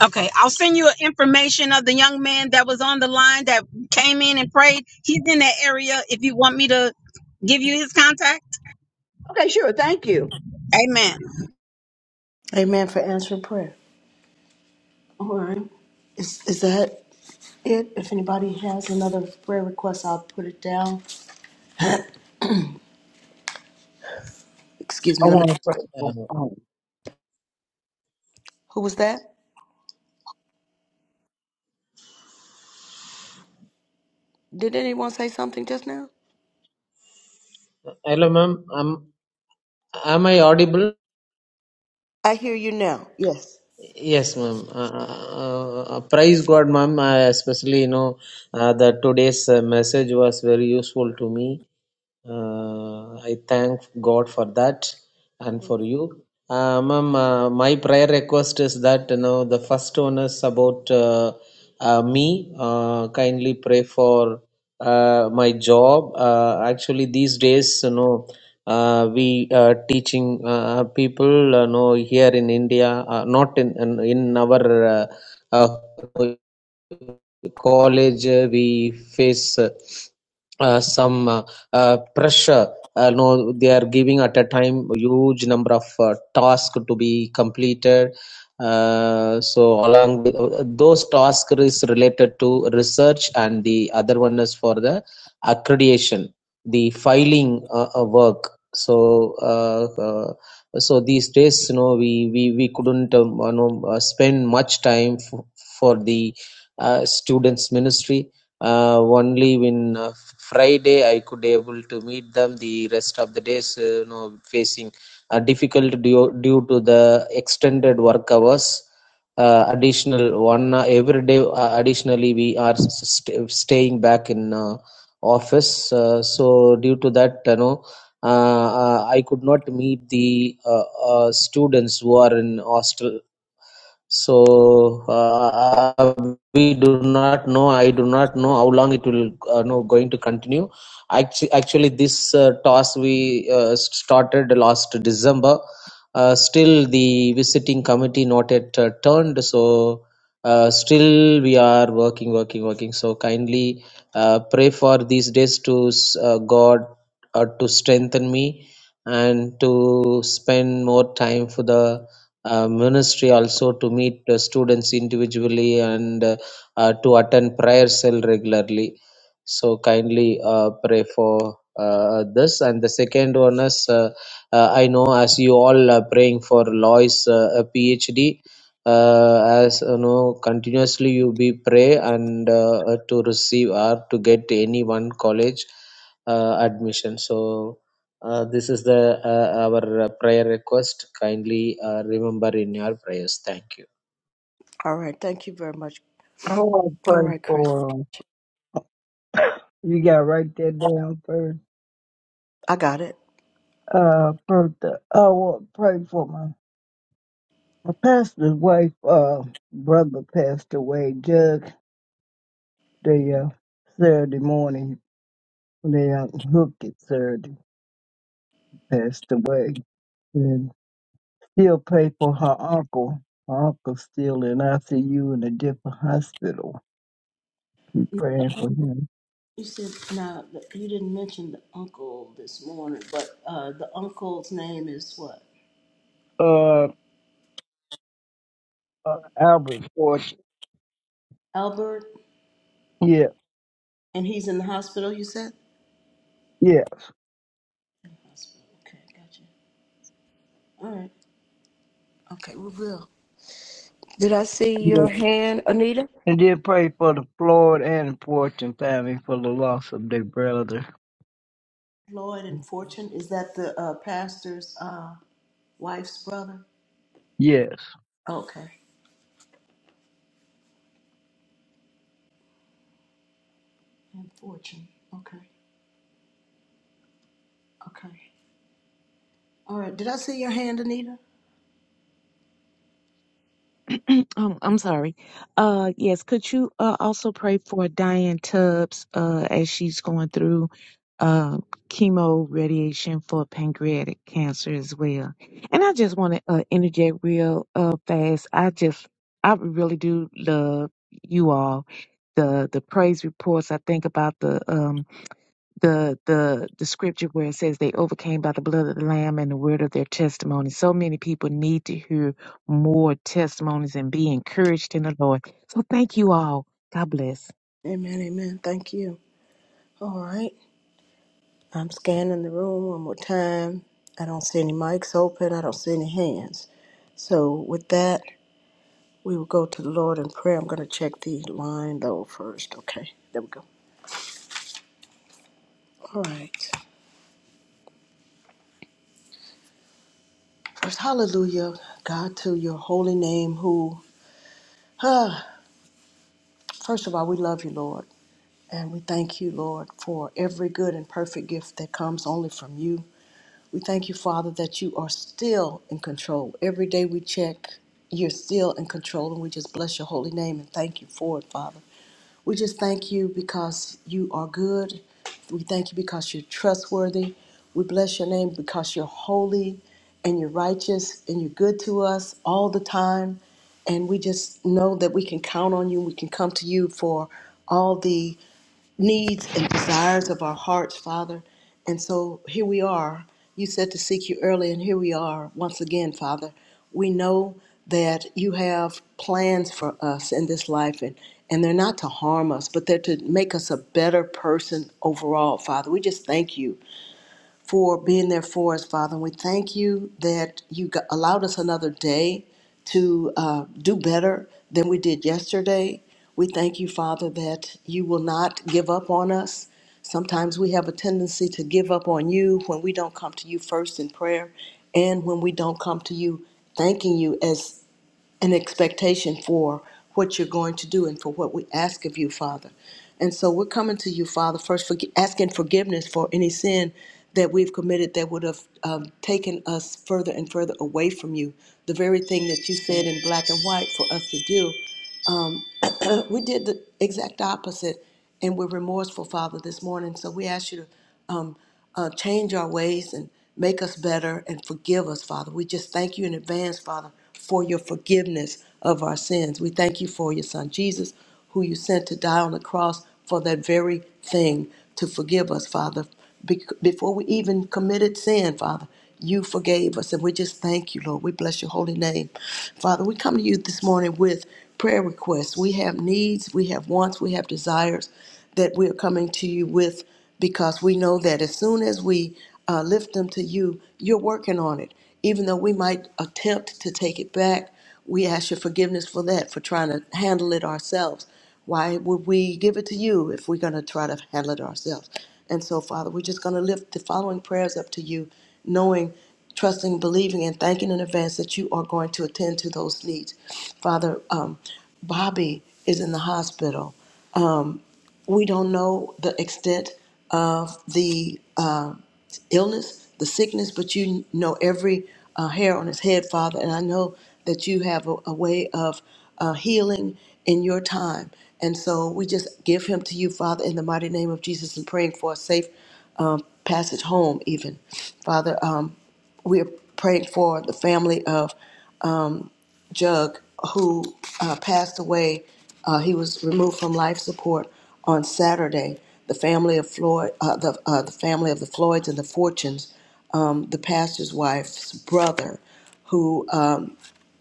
S13: Okay, I'll send you information of the young man that was on the line that came in and prayed. He's in that area if you want me to give you his contact.
S9: Okay, sure. Thank you.
S13: Amen.
S3: Amen for answering prayer. All right. Is is that? it. If anybody has another prayer request, I'll put it down. Excuse
S6: I
S3: me, let me.
S6: want to pray for.
S16: Uh,
S6: Um,
S3: Who was that? Did anyone say something just now?
S16: Hello, ma'am. Am am I audible?
S3: I hear you now. Yes.
S16: Yes, ma'am. Uh, uh, uh, uh, praise God, ma'am. I especially, you know, uh, that today's uh, message was very useful to me. Uh, I thank God for that and for you. Uh, ma'am, uh, my prayer request is that, you know, the first one is about uh, uh, me. Uh, kindly pray for uh, my job. Uh, actually, these days, you know, uh, we uh, teaching uh, people uh, know here in India, uh, not in in in our uh, uh, college uh, we face uh, uh, some uh, uh, pressure uh, no they are giving at a time huge number of uh, tasks to be completed uh, so along with, uh, those tasks is related to research and the other one is for the accreditation the filing uh, uh, work so uh, uh, so these days you know we we, we couldn't um, you know, uh, spend much time f- for the uh, students ministry. Uh, only when uh, Friday I could able to meet them. The rest of the days, uh, you know, facing uh, difficult due, due to the extended work hours. Uh, additional one uh, every day. Uh, additionally, we are st- staying back in uh, office. Uh, so due to that, you know, uh, uh, I could not meet the uh, uh, students who are in hostel so uh, we do not know. I do not know how long it will uh, no going to continue. Actually, actually, this uh, toss we uh, started last December. Uh, still, the visiting committee not yet uh, turned. So uh, still we are working, working, working. So kindly uh, pray for these days to uh, God uh, to strengthen me and to spend more time for the uh, ministry also to meet the students individually and uh, uh, to attend prayer cell regularly so kindly uh, pray for uh, this and the second one is uh, uh, i know as you all are praying for lois uh, a phd uh, as you know continuously you be pray and uh, uh, to receive or to get any one college uh, admission so uh, this is the uh, our uh, prayer request. Kindly uh, remember in your prayers. Thank you.
S3: All right. Thank you very much.
S6: I want to
S3: All
S6: pray
S3: right, Chris.
S6: for. um, You got to write that down first.
S3: I got it.
S6: Uh, Bertha. I want to pray for my my pastor's wife. Uh, brother passed away. just the uh, Saturday morning. They unhooked it Saturday. Passed away. And still pray for her uncle. Her uncle's still in ICU in a different hospital. Keep praying for him.
S3: You said now you didn't mention the uncle this morning, but uh, the uncle's name is what?
S6: Uh, uh, Albert's fortune.
S3: Albert,
S6: Yeah,
S3: and he's in the hospital. You said.
S6: yes.
S3: Hospital. Okay, gotcha. All right. Okay, we will. Did I see
S6: Yeah.
S3: your hand, Anita?
S6: And then pray for the Floyd and the Fortune family for the loss of their brother.
S3: Lloyd and Fortune. Is that the uh, pastor's? Uh, Wife's brother?
S6: Yes.
S3: Okay. And fortune. Okay. Okay. All right. Did I see your hand, Anita?
S15: Um, I'm sorry. Uh, yes, could you uh, also pray for Diane Tubbs uh, as she's going through uh, chemo radiation for pancreatic cancer as well? And I just want to uh, interject real uh, fast. I just, I really do love you all. The the praise reports. I think about the um the the the scripture where it says they overcame by the blood of the lamb and the word of their testimony. So many people need to hear more testimonies and be encouraged in the Lord. So thank you all. God bless.
S3: Amen. Amen. Thank you. All right. I'm scanning the room one more time. I don't see any mics open. I don't see any hands. So with that, we will go to the Lord in prayer. I'm going to check the line though first. Okay. There we go. All right. First, hallelujah, God, to your holy name, who, ah, first of all, we love you, Lord. And we thank you, Lord, for every good and perfect gift that comes only from you. We thank you, Father, that you are still in control. Every day we check, you're still in control, and we just bless your holy name and thank you for it, Father. We just thank you because you are good. We thank you because you're trustworthy. We bless your name because you're holy and you're righteous and you're good to us all the time. And we just know that we can count on you. We can come to you for all the needs and desires of our hearts, Father. And so here we are. You said to seek you early, and here we are once again, Father. We know that you have plans for us in this life, and, and they're not to harm us, but they're to make us a better person overall, Father. We just thank you for being there for us, Father. And we thank you that you g- allowed us another day to uh, do better than we did yesterday. We thank you, Father, that you will not give up on us. Sometimes we have a tendency to give up on you when we don't come to you first in prayer and when we don't come to you thanking you as an expectation for what you're going to do and for what we ask of you, Father. And so we're coming to you, Father, first for, asking forgiveness for any sin that we've committed that would have um, taken us further and further away from you. The very thing that you said in black and white for us to do. We did the exact opposite, and we're remorseful, Father, this morning. So we ask you to uh, change our ways and make us better and forgive us, Father. We just thank you in advance, Father, for your forgiveness of our sins. We thank you for your Son, Jesus, who you sent to die on the cross for that very thing to forgive us, Father. Be- before we even committed sin, Father, you forgave us. And we just thank you, Lord. We bless your holy name. Father, we come to you this morning with prayer requests. We have needs, we have wants, we have desires that we are coming to you with because we know that as soon as we uh, lift them to you, you're working on it. Even though we might attempt to take it back, we ask your forgiveness for that, for trying to handle it ourselves. Why would we give it to you if we're going to try to handle it ourselves? And so, Father, we're just going to lift the following prayers up to you, knowing, trusting, believing, and thanking in advance that you are going to attend to those needs. Father, um, Bobby is in the hospital. We don't know the extent of the uh, illness, the sickness, but you know every uh, hair on his head, Father. And I know that you have a, a way of uh, healing in your time. And so we just give him to you, Father, in the mighty name of Jesus, and praying for a safe passage home, even. Father, um, we are praying for the family of Jug, who uh, passed away. Uh, he was removed from life support on Saturday. The family of Floyd, uh, the, uh, the family of the Floyds and the Fortunes um, the pastor's wife's brother, who um,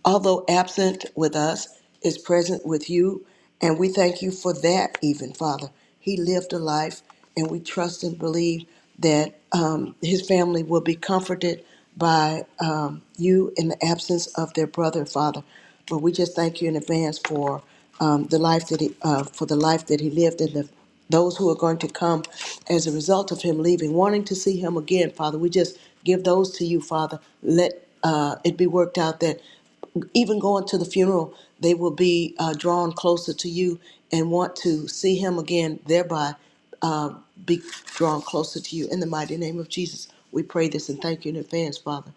S3: although absent with us, is present with you. And we thank you for that, even, Father. He lived a life, and we trust and believe that um, his family will be comforted by um, you in the absence of their brother, Father. But we just thank you in advance for um, the life that he, uh, for the life that he lived and the those who are going to come as a result of him leaving, wanting to see him again, Father. We just give those to you, Father. Let uh, it be worked out that even going to the funeral, they will be uh, drawn closer to you and want to see him again, thereby be drawn closer to you. In the mighty name of Jesus, we pray this and thank you in advance, Father.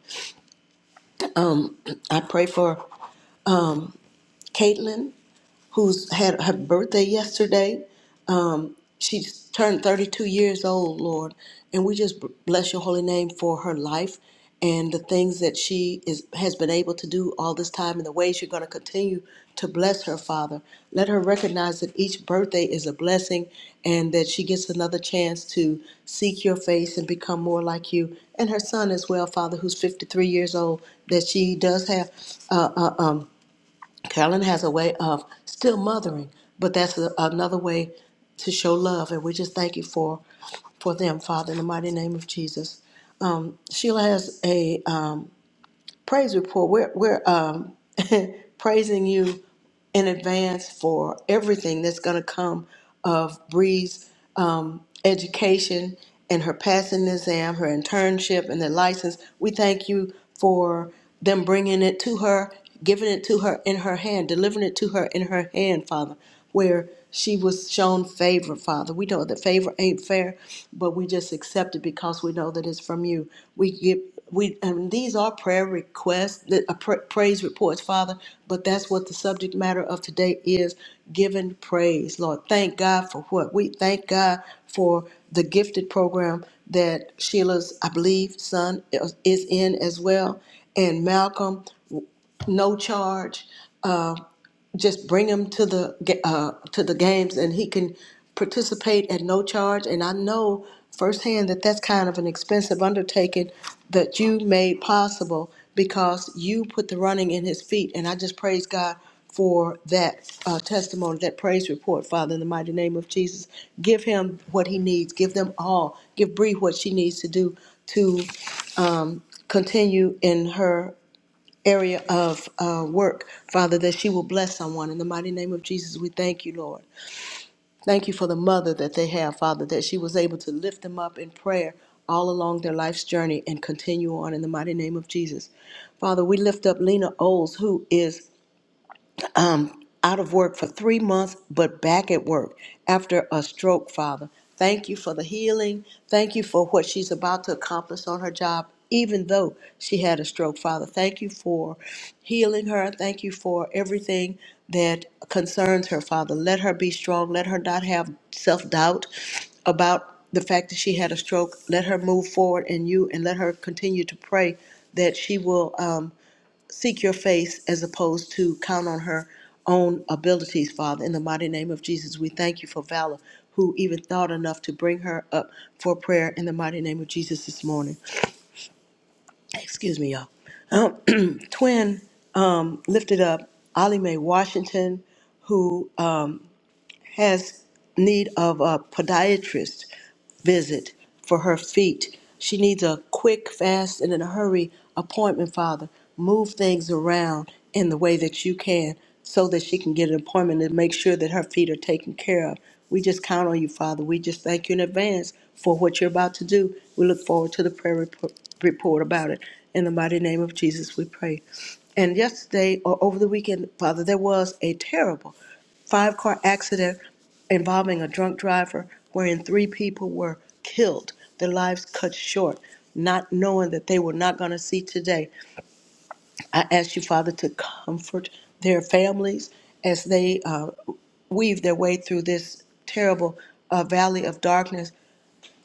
S3: I pray for Caitlin, who's had her birthday yesterday. she's turned 32 years old, Lord, and we just b- bless your holy name for her life and the things that she is has been able to do all this time and the ways you're going to continue to bless her, Father. Let her recognize that each birthday is a blessing and that she gets another chance to seek your face and become more like you. And her son as well, Father, who's 53 years old, that she does have uh, uh, um, Carolyn has a way of still mothering, but that's a, another way to show love, and we just thank you for for them, Father, in the mighty name of Jesus. Sheila has a praise report. We're we're um, praising you in advance for everything that's going to come of Bree's um, education and her passing the exam, her internship, and the license. We thank you for them bringing it to her, giving it to her in her hand, delivering it to her in her hand, Father where she was shown favor, Father. We know that favor ain't fair, but we just accept it because we know that it's from you. We give we and these are prayer requests, that uh, pra- praise reports, Father. But that's what the subject matter of today is: giving praise, Lord. Thank God for what we thank God for the gifted program that Sheila's, I believe, son uh, is in as well, and Malcolm, no charge just bring him to the uh, to the games and he can participate at no charge and I know firsthand that that's kind of an expensive undertaking that you made possible because you put the running in his feet and I just praise God for that uh, testimony that praise report father in the mighty name of Jesus give him what he needs give them all give Bree what she needs to do to continue in her area of uh, work, Father, that she will bless someone. In the mighty name of Jesus, we thank you, Lord. Thank you for the mother that they have, Father, that she was able to lift them up in prayer all along their life's journey and continue on in the mighty name of Jesus. Father, we lift up Lena Oles, who is out of work for three months, but back at work after a stroke, Father. Thank you for the healing. Thank you for what she's about to accomplish on her job, even though she had a stroke, Father. Thank you for healing her. Thank you for everything that concerns her, Father. Let her be strong. Let her not have self doubt about the fact that she had a stroke. Let her move forward in you and let her continue to pray that she will. Um, seek your face as opposed to count on her own abilities, Father. In the mighty name of Jesus, we thank you for Valor, who even thought enough to bring her up for prayer in the mighty name of Jesus this morning. Excuse me, y'all. Um, twin lifted up Ollie Mae Washington, who has need of a podiatrist visit for her feet. She needs a quick, fast, and in a hurry appointment, Father. Move things around in the way that you can so that she can get an appointment and make sure that her feet are taken care of. We just count on you, Father. We just thank you in advance for what you're about to do. We look forward to the prayer report, report about it. In the mighty name of Jesus, we pray. And yesterday or over the weekend, Father, there was a terrible five car accident involving a drunk driver wherein three people were killed, their lives cut short, not knowing that they were not going to see today. I ask you, Father, to comfort their families as they uh, weave their way through this terrible uh, valley of darkness.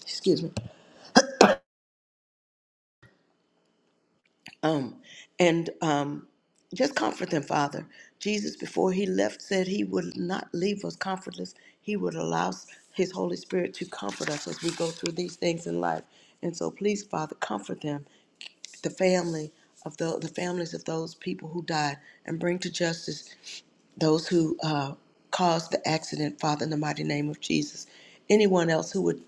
S3: Excuse me. Um, and um, just comfort them, Father. Jesus, before he left, said he would not leave us comfortless. He would allow his Holy Spirit to comfort us as we go through these things in life. And so, please, Father, comfort them, the family of the, the families of those people who died, and bring to justice those who uh, caused the accident, Father, in the mighty name of Jesus. Anyone else who would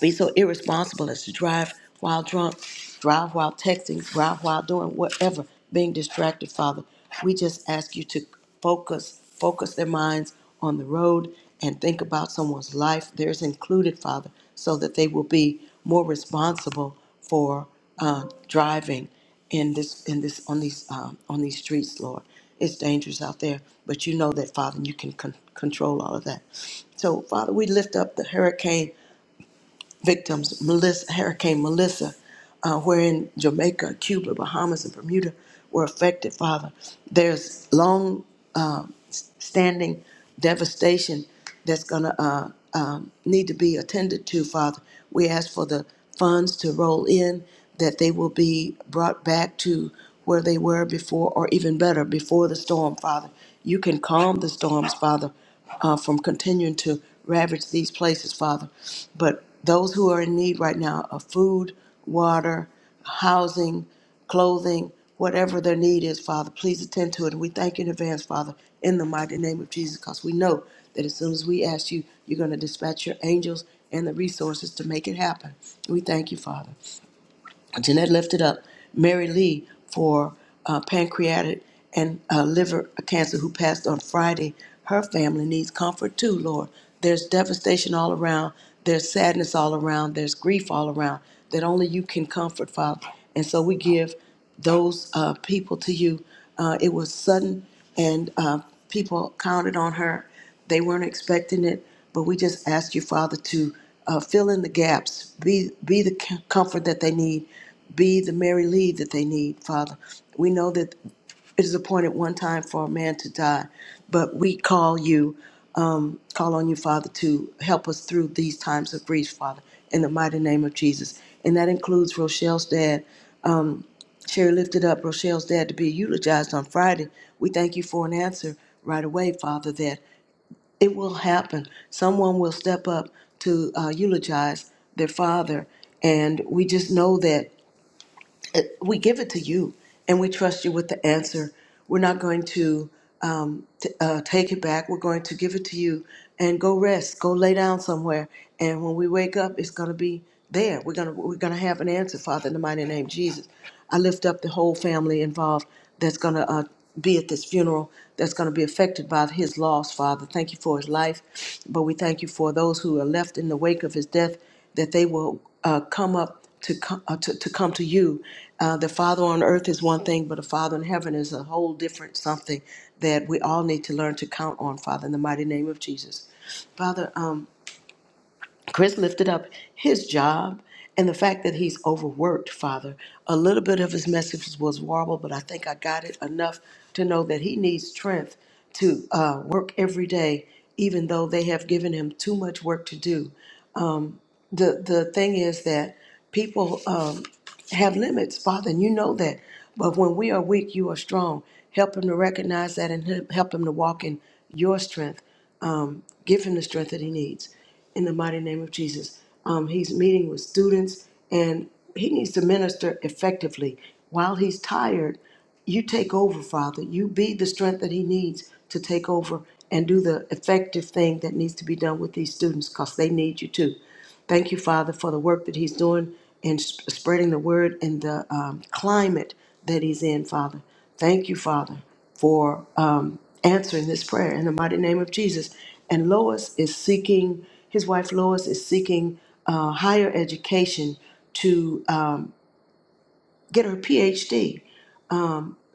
S3: be so irresponsible as to drive while drunk, drive while texting, drive while doing whatever, being distracted, Father. We just ask you to focus, focus their minds on the road and think about someone's life, theirs included, Father, so that they will be more responsible for uh, driving in this, in this, on these, um, on these streets, Lord. It's dangerous out there, but you know that, Father, and you can con- control all of that. So, Father, we lift up the hurricane victims, Melissa, Hurricane Melissa, uh, wherein Jamaica, Cuba, Bahamas, and Bermuda were affected, Father. There's long um, standing devastation that's going to uh, um, need to be attended to, Father. We ask for the funds to roll in, that they will be brought back to where they were before, or even better, before the storm, Father. You can calm the storms, Father, uh, from continuing to ravage these places, Father. But those who are in need right now of food, water, housing, clothing, whatever their need is, Father, please attend to it. And we thank you in advance, Father, in the mighty name of Jesus, because we know that as soon as we ask you, you're going to dispatch your angels and the resources to make it happen. We thank you, Father. Jeanette lifted up Mary Lee for uh, pancreatic and uh, liver cancer who passed on Friday. Her family needs comfort too, Lord. There's devastation all around, there's sadness all around, there's grief all around that only you can comfort, Father. And so we give those uh, people to you. Uh, it was sudden, and uh, people counted on her. They weren't expecting it, but we just ask you, Father, to uh, fill in the gaps, be be the c- comfort that they need, be the Mary Lee that they need, Father. We know that it is appointed one time for a man to die, but we call you, call on you, Father, to help us through these times of grief, Father, in the mighty name of Jesus. And that includes Rochelle's dad. Sherry lifted up Rochelle's dad to be eulogized on Friday. We thank you for an answer right away, Father, That. It will happen. Someone will step up to uh, eulogize their father. And we just know that it, we give it to you, and we trust you with the answer. We're not going to um, t- uh, take it back. We're going to give it to you and go rest, go lay down somewhere. And when we wake up, it's going to be there. We're going to we're going to have an answer, Father, in the mighty name of Jesus. I lift up the whole family involved that's going to uh, be at this funeral, that's going to be affected by his loss, Father. Thank you for his life, but we thank you for those who are left in the wake of his death that they will uh, come up to, co- uh, to, to come to you. Uh, the Father on earth is one thing, but the Father in heaven is a whole different something that we all need to learn to count on, Father, in the mighty name of Jesus. Father, um, Chris lifted up his job and the fact that he's overworked, Father. A little bit of his message was warbled, but I think I got it enough to know that he needs strength to uh, work every day, even though they have given him too much work to do the the thing is that people um, have limits, Father, and you know that. But when we are weak, you are strong. Help him to recognize that and he- help him to walk in your strength. Give him the strength that he needs. In the mighty name of Jesus, um, he's meeting with students, and he needs to minister effectively. While he's tired, you take over, Father. You be the strength that he needs to take over and do the effective thing that needs to be done with these students, because they need you too. Thank you, Father, for the work that He's doing in sp- spreading the word in the um, climate that He's in, Father. Thank you, Father, for um, answering this prayer in the mighty name of Jesus. And Lois is seeking, his wife Lois is seeking uh, higher education to um, get her PhD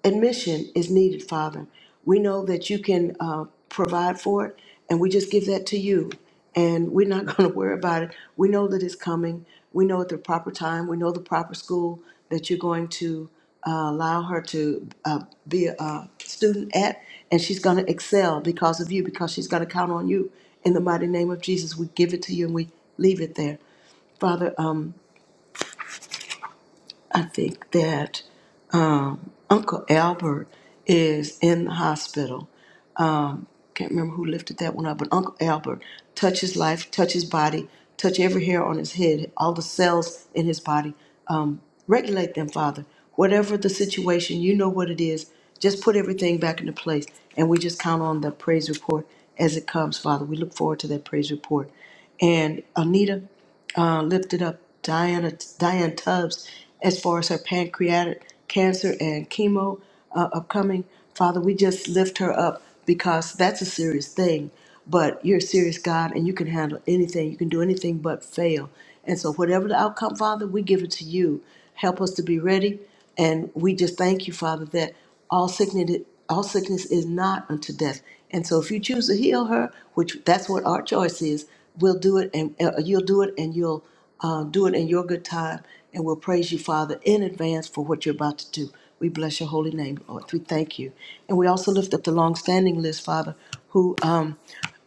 S3: admission is needed, Father. We know that you can uh, provide for it, and we just give that to you. And we're not going to worry about it. We know that it's coming. We know at the proper time. We know the proper school that you're going to uh, allow her to uh, be a, a student at, and she's going to excel because of you, because she's going to count on you. In the mighty name of Jesus, we give it to you and we leave it there. Father, um, I think that. Uncle Albert is in the hospital. Can't remember who lifted that one up, but Uncle Albert touch his life, touch his body, touch every hair on his head, all the cells in his body. Um, regulate them, Father. Whatever the situation, you know what it is. Just put everything back into place, and we just count on the praise report as it comes, Father. We look forward to that praise report. And Anita, uh, lifted up Diana Diane Tubbs as far as her pancreatic cancer and chemo uh, upcoming. Father, we just lift her up because that's a serious thing. But you're a serious God, and you can handle anything. You can do anything but fail. And so, whatever the outcome, Father, we give it to you. Help us to be ready, and we just thank you, Father, that all sickness all sickness is not unto death. And so, if you choose to heal her, which that's what our choice is, We'll do it, and uh, you'll do it, and you'll uh, do it in your good time, and we'll praise you, Father, in advance for what you're about to do. We bless your holy name, Lord. We thank you, and we also lift up the long-standing list, Father, who um,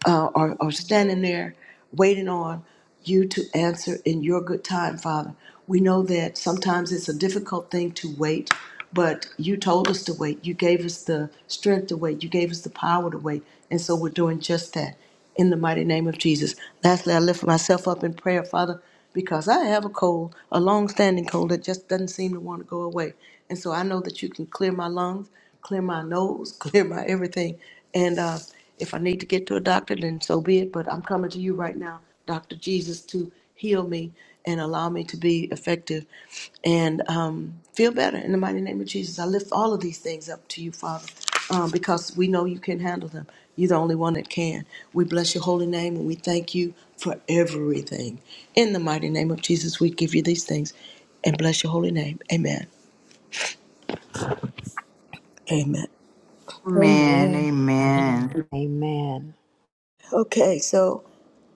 S3: uh, are, are standing there waiting on you to answer in your good time, Father. We know that sometimes it's a difficult thing to wait, but you told us to wait. You gave us the strength to wait. You gave us the power to wait. And so we're doing just that in the mighty name of Jesus. Lastly, I lift myself up in prayer, Father, because I have a cold, a long-standing cold that just doesn't seem to want to go away. And so I know that you can clear my lungs, clear my nose, clear my everything. And uh, if I need to get to a doctor, then so be it. But I'm coming to you right now, Dr. Jesus, to heal me and allow me to be effective and um, feel better in the mighty name of Jesus. I lift all of these things up to you, Father um, because we know you can handle them. You're the only one that can. We bless your holy name and we thank you for everything. In the mighty name of Jesus, we give you these things and bless your holy name. Amen. Amen.
S4: Amen.
S1: Amen.
S8: Amen.
S4: Amen.
S8: Amen.
S3: Okay, so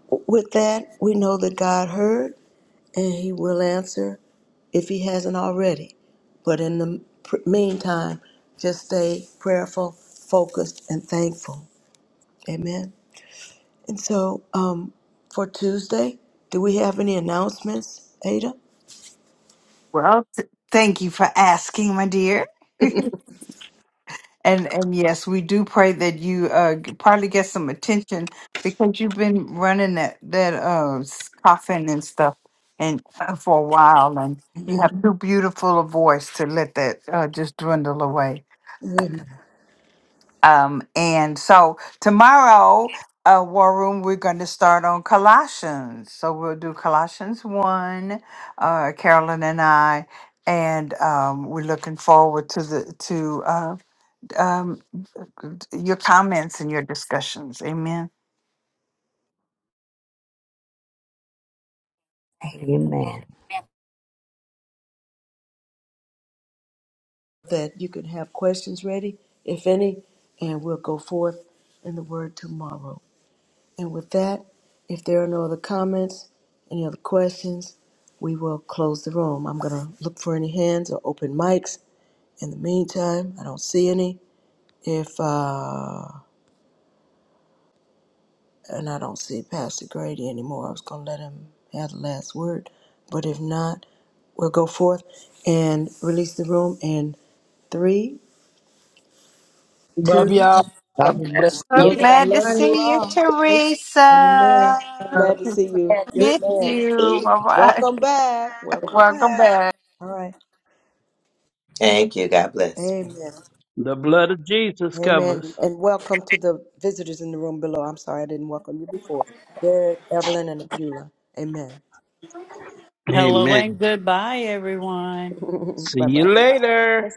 S3: w- with that, we know that God heard and he will answer if he hasn't already. But in the pr- meantime, just stay prayerful, focused, and thankful. Amen. And so, um, for Tuesday, do we have any announcements, Ada?
S4: Well, th- thank you for asking, my dear. And and yes, we do pray that you uh g- probably get some attention because you've been running that that uh s- coffin and stuff and uh, for a while, and you
S3: Amen.
S4: have Mhm. too beautiful a voice to let that uh, just dwindle away.
S3: Amen.
S4: Um, and so tomorrow, uh, War Room, we're going to start on Colossians. So we'll do Colossians one, uh, Carolyn and I, and um, we're looking forward to the to uh, um, your comments and your discussions. Amen.
S8: Amen.
S3: That you can have questions ready, if any, and we'll go forth in the word tomorrow. And with that, if there are no other comments, any other questions, we will close the room. I'm going to look for any hands or open mics. In the meantime, I don't see any. If uh, and I don't see Pastor Grady anymore. I was going to let him have the last word, but if not, we'll go forth and release the room in three, two.
S6: Love y'all. Have
S8: God
S6: a blessed
S8: bless
S3: Know
S8: you.
S3: that I
S4: Glad to
S3: love you
S4: see you,
S3: all. Amen.
S4: Teresa.
S8: sir.
S3: Glad to see you.
S8: Yeah, good
S3: Yes,
S4: Miss
S3: ma'am.
S8: to see
S4: you.
S8: you.
S4: Bye bye.
S3: Welcome back. Welcome
S4: Welcome
S3: back. All right.
S2: Thank you. God bless.
S3: Amen.
S10: The blood of Jesus
S3: Amen.
S10: covers.
S3: And welcome to the visitors in the room below. I'm sorry I didn't welcome you before. Derek, Evelyn, and Abula. Amen.
S17: Hello
S10: Amen.
S17: and goodbye, everyone.
S10: See
S3: bye
S10: you
S3: bye.
S10: later.